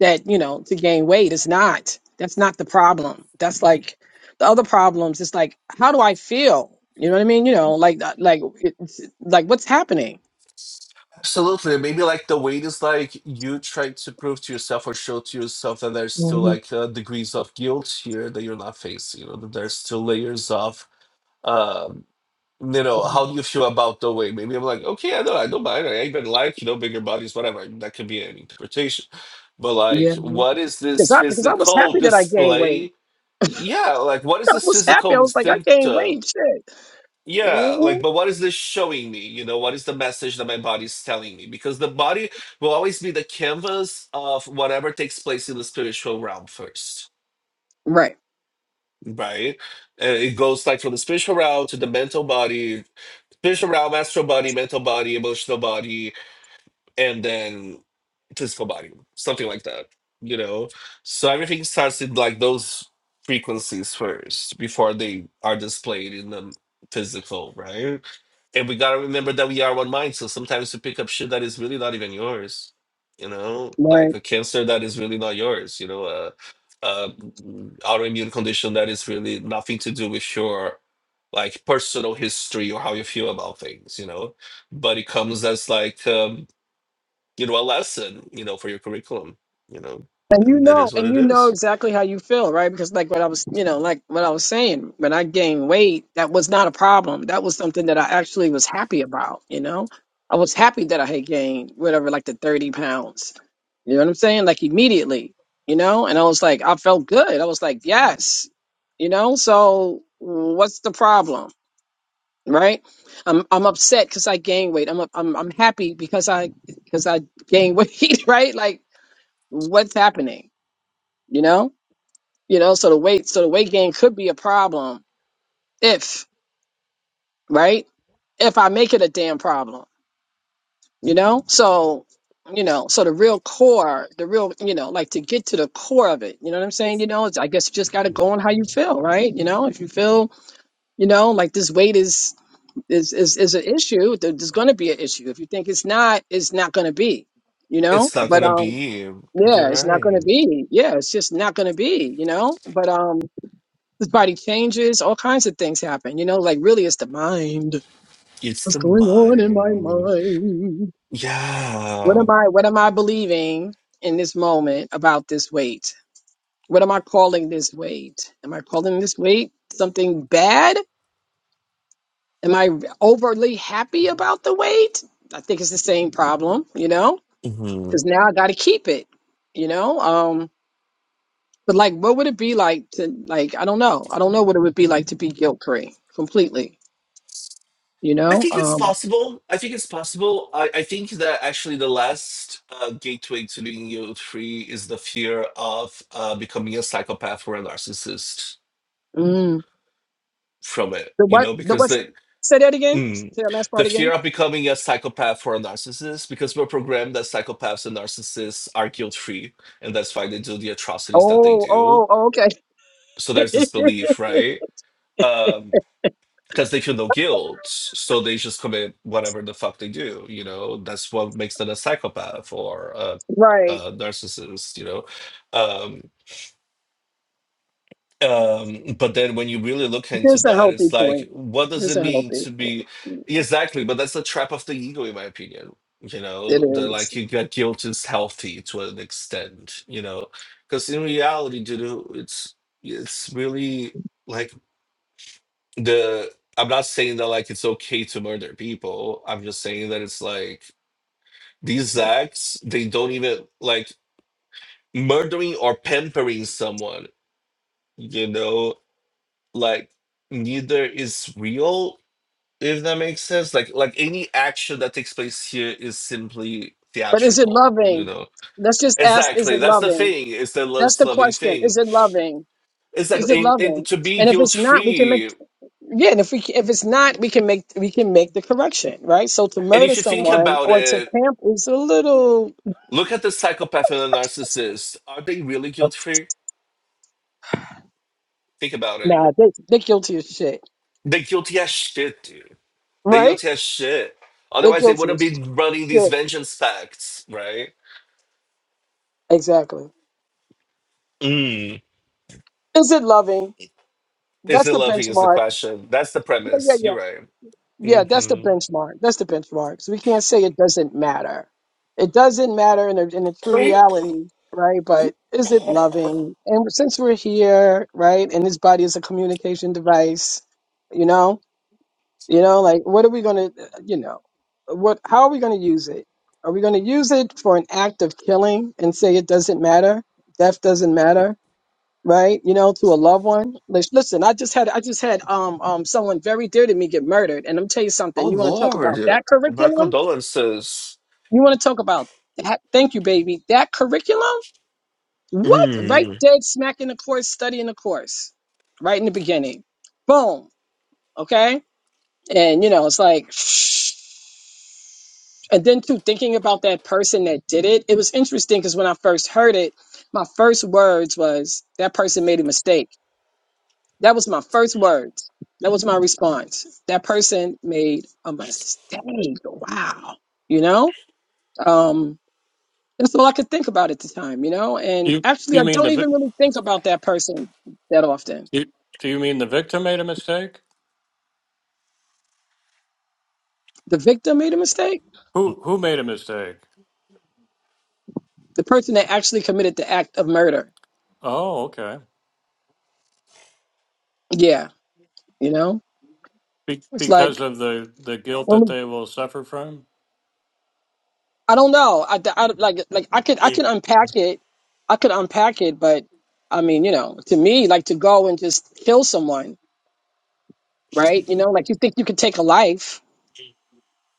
That you know to gain weight is not. That's not the problem. That's like the other problems. It's like how do I feel? You know what I mean? You know, like uh, like it's, like what's happening? Absolutely. Maybe like the weight is like you try to prove to yourself or show to yourself that there's still hmm like uh, degrees of guilt here that you're not facing. You know, that there's still layers of, um, you know, how do you feel about the weight? Maybe I'm like, okay, I know, I don't mind. I even like, you know, bigger bodies, whatever. I mean, that could be an interpretation. But like, Yeah, what is because this I because I was physical happy that I gained weight. display? Yeah, like, what is I this was happy. I physical was like I gained symptom? weight. Shit. Yeah, hmm like, but what is this showing me? You know, what is the message that my body is telling me? Because the body will always be the canvas of whatever takes place in the spiritual realm first, Right. right? And it goes like from the spiritual realm to the mental body, spiritual realm, astral body, mental body, emotional body, and then physical body, something like that, you know? So everything starts in like those frequencies first before they are displayed in the physical, right? And we gotta remember that we are one mind. So sometimes you pick up shit that is really not even yours, you know, Right. like a cancer that is really not yours, you know, a, a autoimmune condition that is really nothing to do with your like personal history or how you feel about things, you know. But it comes as like um, you know a lesson, you know, for your curriculum, you know, And you and it is know, what and it you know is. exactly how you feel, right? Because like what I was, you know, like what I was saying, when I gained weight, that was not a problem. That was something that I actually was happy about, you know? I was happy that I had gained whatever, like the 30 pounds. You know what I'm saying? Like immediately, you know? And I was like, I felt good. I was like, yes, you know? So what's the problem? Right? I'm I'm upset because I gained weight. I'm I'm I'm happy because I because I gained weight, right? Like what's happening? You know? You know, so the weight so the weight gain could be a problem if, right? If I make it a damn problem, you know? So, you know, so the real core, the real, you know, like to get to the core of it, you know what I'm saying? You know, it's, I guess you just got to go on how you feel, right? You know, if you feel, you know, like this weight is is is is an issue, there- there's going to be an issue. If you think it's not, it's not going to be, you know? It's not But gonna um be. You're yeah, it's not going to right. be. Yeah, it's just not going to be, you know? But um His body changes, all kinds of things happen. You know, like really it's the mind. It's What's the going on in my mind. mind? What Yeah. am I what am I believing in this moment about this weight? What am I calling this weight? Am I calling this weight something bad? Am I overly happy about the weight? I think it's the same problem, you know? hmm Cuz now I got to keep it, you know? Um but like what would it be like to like I don't know. I don't know what it would be like to be guilt-free completely, you I know? think it's Um possible. I think it's possible. I, I think that actually the last uh, gateway to being guilt free is the fear of uh, becoming a psychopath or a narcissist Mm. from it, The you what? know, The because what? the Say that again. mm, Say that last the part fear again. of becoming a psychopath or a narcissist, because we're programmed that psychopaths and narcissists are guilt free, and that's why they do the atrocities that they Oh, oh, do. oh oh, okay. So there's this belief, right? Um, because they feel no guilt, so they just commit whatever the fuck they do. You know, that's what makes them a psychopath or a, right. a narcissist. You know, um, um, but then when you really look into This a that, healthy it's like, point. what does This it a mean healthy to be point. exactly? But that's the trap of the ego, in my opinion. You know, It the is. like you get guilt is healthy to an extent. You know, because in reality, dude, it's it's really like the I'm not saying that like it's okay to murder people. I'm just saying that it's like these acts, they don't even like murdering or pampering someone, you know, like neither is real, if that makes sense. Like like any action that takes place here is simply But is it theatrical, you loving? know. Let's just ask, is it Exactly. That's the loving? thing. It's the love That's the loving question. Is thing. it loving? It's like Is it and, and loving? to be And if guilt it's not, we can make free. yeah. And if we if it's not, we can make we can make the correction, right? So to And murder if you think someone about or to it, camp is a little Look at the psychopath and the narcissist. Are they really guilt free? Think about it. Nah, they they are guilty as shit, They're guilty as shit, dude. They're right? guilty as shit. They are Otherwise, they guilty wouldn't as be running shit. these vengeance pacts, right? Exactly. Mm. Is it loving? Is That's it the loving? Is the benchmark. question. That's the Yeah, yeah, premise. yeah. You're right. Yeah, that's the hmm benchmark. That's the benchmark. So we can't say it doesn't matter. It doesn't matter in a, in a true reality, right? But is it loving? And since we're here, right, and this body is a communication device, you know, you know, like what are we going to, you know, what? How are we going to use it? Are we going to use it for an act of killing and say it doesn't matter? Death doesn't matter right? You know, to a loved one. Like, Listen, I just had I just had um um someone very dear to me get murdered, and I'm tell you Oh, something. You want to talk Lord. about that My curriculum? condolences. You want to talk about that? Thank you, baby. That curriculum? What? Right, Mm. dead smack in the course, study in the course, right in the beginning. Boom. Okay, and you know, it's like. And then too, thinking about that person that did it, it was interesting because when I first heard it, my first words was, "That person made a mistake." That was my first words. That was my response. That person made a mistake. Wow. You know? Um, that's all I could think about at the time, you know? And you actually, I you mean don't the vic- even really think about that person that often. you, do you mean the victim made a mistake The victim made a mistake. who who made a mistake The person that actually committed the act of murder. oh okay Yeah. You know? Be- It's because like, of the, the guilt when that we- they will suffer from? I don't know. I, I like, like I could, I could unpack it. I could unpack it, but I mean, you know, to me, like to go and just kill someone right? You know, like you think you could take a life,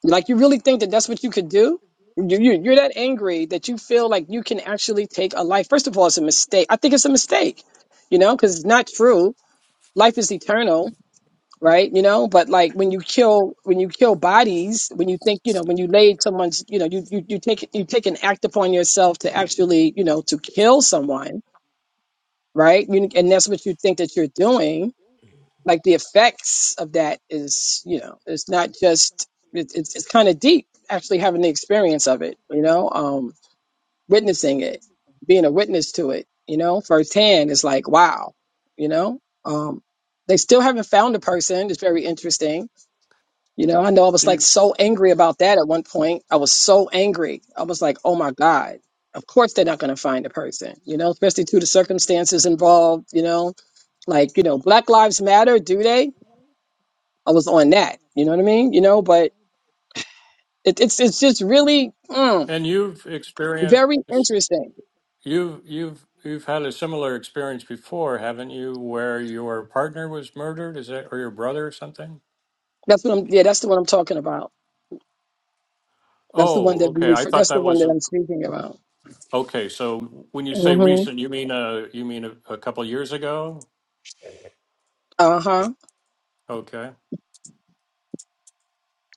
like you really think that that's what you could do. You, you, you're that angry that you feel like you can actually take a life. First of all, it's a mistake. I think it's a mistake, you know, because it's not true. Life is eternal, right? You know, but like when you kill, when you kill bodies, when you think, you know, when you lay someone's, you know, you you, you take you take an act upon yourself to actually, you know, to kill someone, right? You, and that's what you think that you're doing like the effects of that is you know it's not just it, it's, it's kind of deep actually having the experience of it you know um witnessing it being a witness to it you know firsthand is like wow you know um they still haven't found a person it's very interesting you know i know i was like You so angry about that at one point i was so angry i was like oh my god of course they're not going to find a person you know especially to the circumstances involved you know like you know black lives matter do they I was on that. You know what I mean? You know, but it, it's it's just really mm, and you've experienced very interesting. you you've you've had a similar experience before, haven't you, where your partner was murdered, is that or your brother or something? That's what I'm. Yeah, that's the one I'm talking about. That's the one Oh, that we okay. I refer, thought that's the that one was that I'm speaking about. okay. So when you say hmm recent, you mean uh you mean a, a couple years ago? Uh huh. Okay.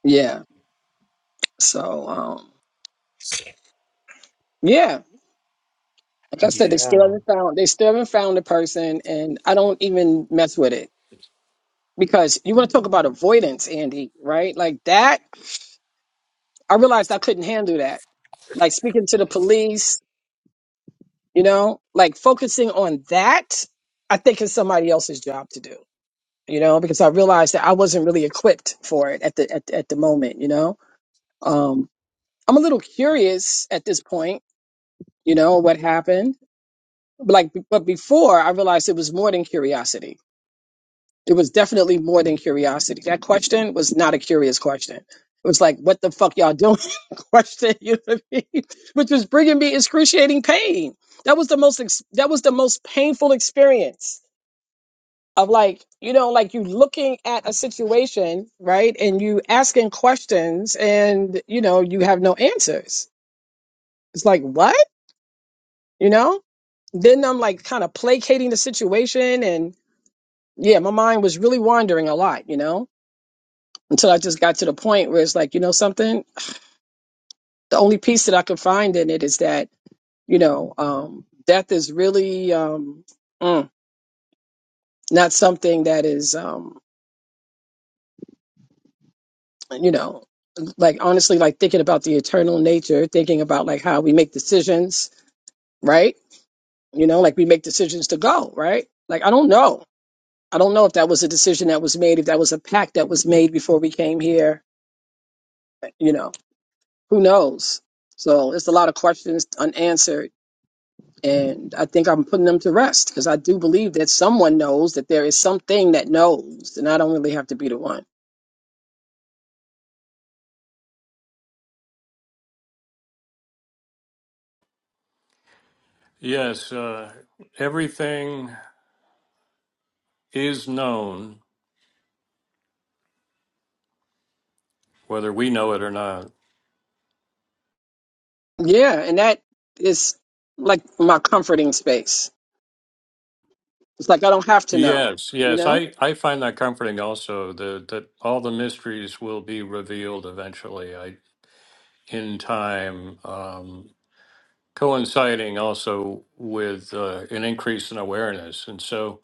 Yeah. So um, yeah, like I said, they still Yeah. haven't found they still haven't found the person, and I don't even mess with it because you want to talk about avoidance, Andy, right? Like that. I realized I couldn't handle that. Like speaking to the police you know like focusing on that i think is somebody else's job to do you know because i realized that i wasn't really equipped for it at the at, at the moment you know um i'm a little curious at this point you know what happened but like but before i realized it was more than curiosity it was definitely more than curiosity that question was not a curious question it was like what the fuck y'all doing question you know what I mean? which was bringing me excruciating pain that was the most ex- that was the most painful experience of like you know like you looking at a situation right and you asking questions and you know you have no answers it's like what you know then i'm like kind of placating the situation and yeah my mind was really wandering a lot you know until i just got to the point where it's like you know something the only piece that i could find in it is that you know um death is really um mm, not something that is Um, you know like honestly like thinking about the eternal nature thinking about like how we make decisions right you know like we make decisions to go right like i don't know i don't know if that was a decision that was made if that was a pact that was made before we came here you know who knows so it's a lot of questions unanswered and i think i'm putting them to rest because i do believe that someone knows that there is something that knows and i don't really have to be the one Yes, uh, everything is known, whether we know it or not. Yeah, and that is like my comforting space. It's like I don't have to know, Yes, you yes, know? I, I find that comforting also, That that all the mysteries will be revealed eventually I, in time, um, coinciding also with uh, an increase in awareness. And so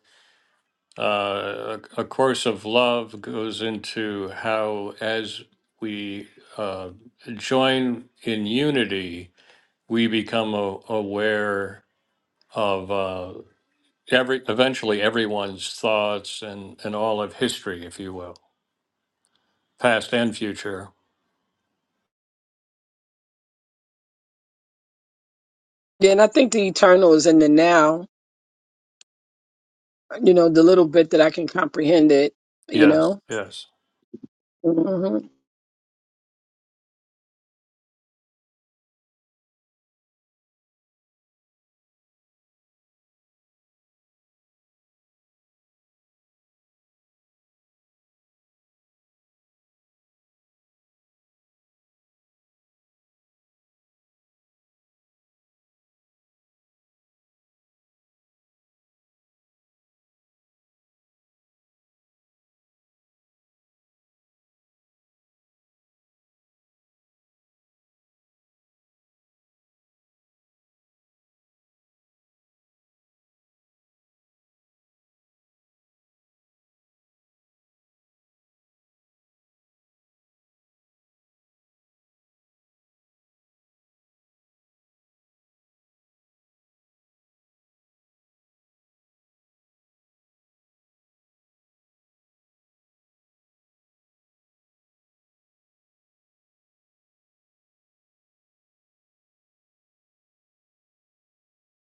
uh, a, a course of love goes into how, as we uh, join in unity, we become a, aware of uh, every eventually everyone's thoughts and and all of history, if you will, past and future. Yeah, and I think the eternal is in the now, you know, the little bit that I can comprehend it, you Yes, know? yes. hmm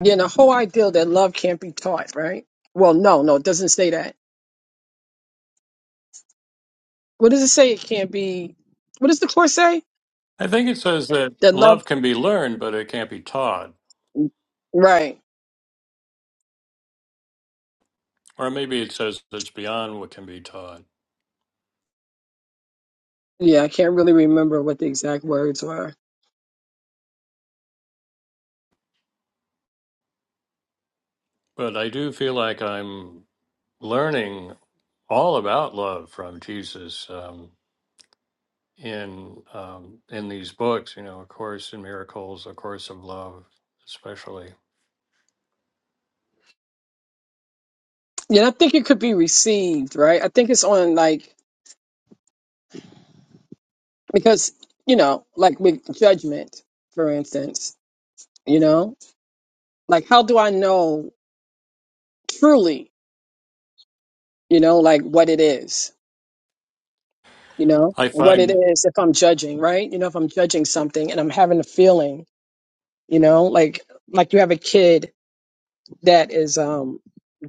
Yeah, and the whole idea that love can't be taught, right? Well, no, no, it doesn't say that. What does it say? It can't be. What does the Course say? I think it says that That love, love can be learned, but it can't be taught, right. or maybe it says it's beyond what can be taught. Yeah, I can't really remember what the exact words were. But I do feel like I'm learning all about love from Jesus um, in um, in these books. You know, A Course in Miracles, A Course of Love, especially. Yeah, I think it could be received, right? I think it's on like because you know like with judgment for instance you know like how do i know truly you know like what it is you know I what it find. is if i'm judging right you know if i'm judging something and i'm having a feeling you know like like you have a kid that is um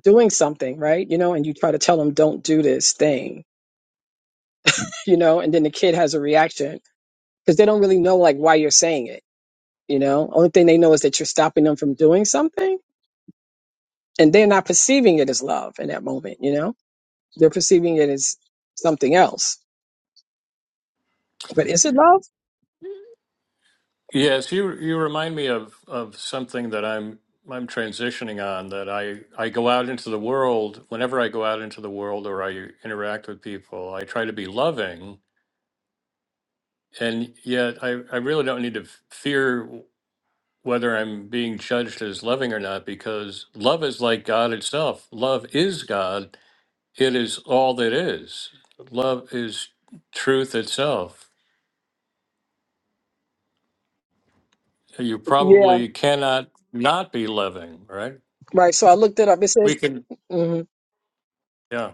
doing something right you know and you try to tell them don't do this thing you know and then the kid has a reaction because they don't really know like why you're saying it you know only thing they know is that you're stopping them from doing something and they're not perceiving it as love in that moment you know they're perceiving it as something else but is it love Yes, you you remind me of of something that I'm I'm transitioning on that I I go out into the world whenever I go out into the world or I interact with people, I try to be loving and yet I I really don't need to f- fear whether I'm being judged as loving or not because love is like God itself. Love is God. It is all that is. Love is truth itself. You yeah probably cannot not be loving, right? right so i looked it up it We says can mhm. yeah.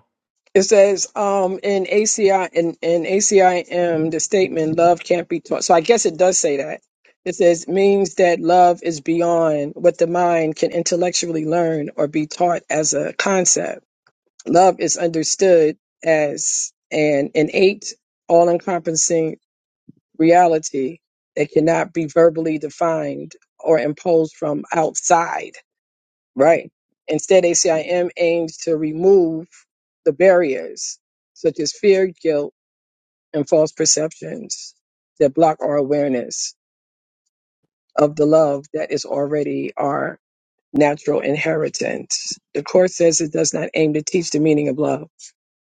it says um in aci in, in acim the statement love can't be taught so i guess it does say that it says means that love is beyond what the mind can intellectually learn or be taught as a concept love is understood as an innate all-encompassing reality that cannot be verbally defined or imposed from outside, right? Instead, ACIM aims to remove the barriers such as fear, guilt, and false perceptions that block our awareness of the love that is already our natural inheritance. The Course says it does not aim to teach the meaning of love,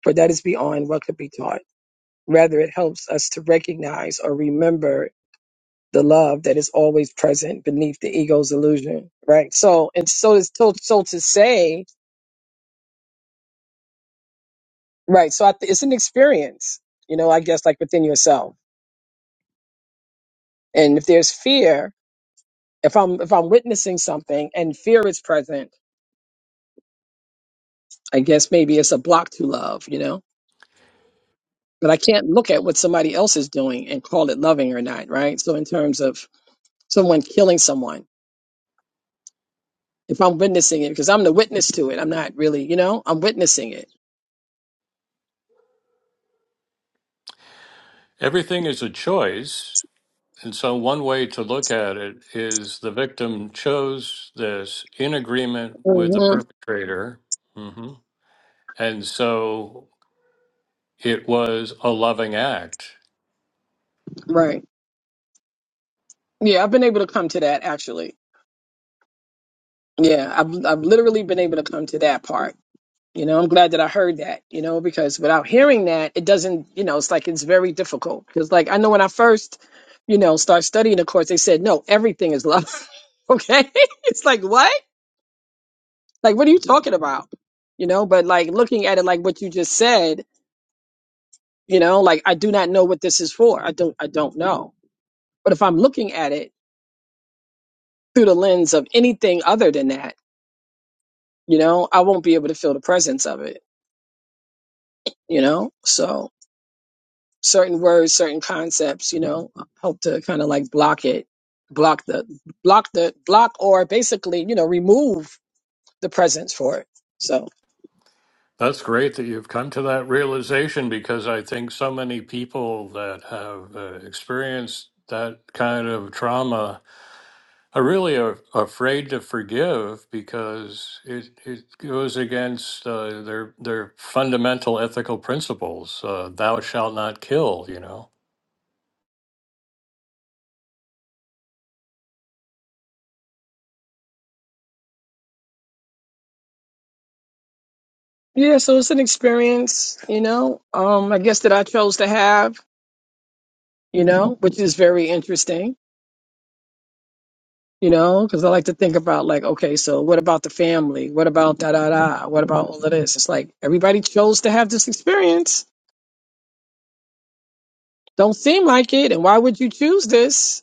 for that is beyond what could be taught. Rather, it helps us to recognize or remember the love that is always present beneath the ego's illusion, right? So, and so it's so, so to say, right? So I, th- it's an experience, you know, I guess like within yourself. And if there's fear, if I'm, if I'm witnessing something and fear is present, I guess maybe it's a block to love, you know, but I can't look at what somebody else is doing and call it loving or not, right? So in terms of someone killing someone, if I'm witnessing it, because I'm the witness to it, I'm not really, you know, I'm witnessing it. Everything is a choice. And so, one way to look at it is the victim chose this in agreement with the Mhm. perpetrator. hmm And so, it was a loving act. Right. Yeah, I've been able to come to that actually. Yeah, I've I've literally been able to come to that part. You know, I'm glad that I heard that, you know, because without hearing that, it doesn't, you know, it's like it's very difficult. Because like I know when I first, you know, start studying the course, they said, no, everything is love. okay? It's like what? Like what are you talking about? You know, but like looking at it like what you just said, you know, like I do not know what this is for. I don't I don't know. But if I'm looking at it through the lens of anything other than that, you know i won't be able to feel the presence of it you know so certain words certain concepts you know help to kind of like block it block the block the block or basically you know remove the presence for it so That's great that you've come to that realization because I think so many people that have uh, experienced that kind of trauma I really are afraid to forgive because it, it goes against uh, their their fundamental ethical principles. Uh, Thou shalt not kill. You know. yeah so it's an experience you know um i guess that i chose to have you know which is very interesting you know because i like to think about like okay so what about the family what about da da da what about all of this it's like everybody chose to have this experience Don't seem like it. And why would you choose this?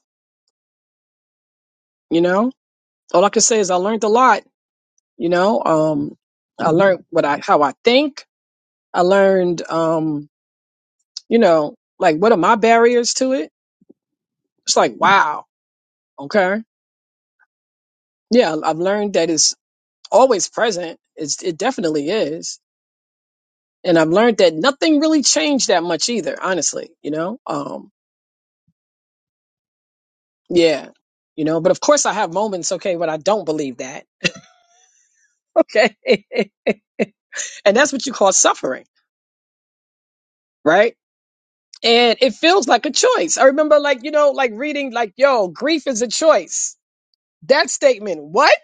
You know, all I can say is I learned a lot. You know, um, I learned what I, how I think. I learned, um, you know, like what are my barriers to it? It's like, wow. Okay. Yeah. I've learned that it's always present. It's, it definitely is. And I've learned that nothing really changed that much either, honestly, you know? Um, yeah you know but of course i have moments okay when i don't believe that okay and that's what you call suffering right and it feels like a choice. I remember, like you know, like reading, like yo, grief is a choice. That statement, what?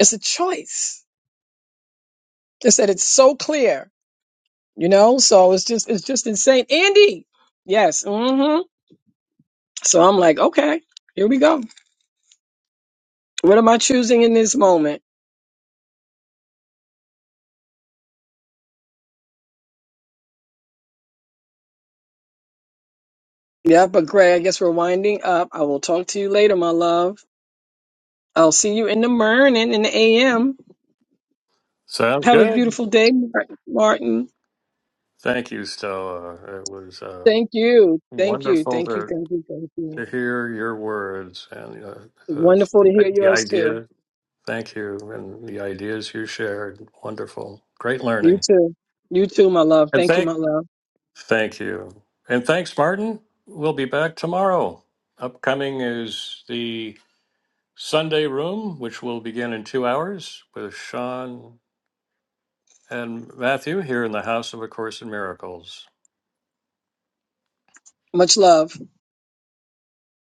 It's a choice. They said it's so clear, you know. So it's just, it's just insane. Andy, yes, hmm So I'm like, okay, here we go. What am I choosing in this moment? Yeah, but Greg, I guess we're winding up. I will talk to you later, my love. I'll see you in the morning, in the AM. Sounds Have a good. beautiful day, Martin. Thank you, Stella. It was uh, Thank you. Thank you. wonderful Thank you. to Thank you. Thank you. to hear your words and uh, Wonderful to the hear the yours too. idea. Thank you, and the ideas you shared. Wonderful, great You learning. too. You too, my love. And Thank you, thank my love. Thank you. And thanks, Martin. We'll be back tomorrow. Upcoming is the Sunday Room, which will begin in two hours with Sean and Matthew here in the House of A Course in Miracles. Much love.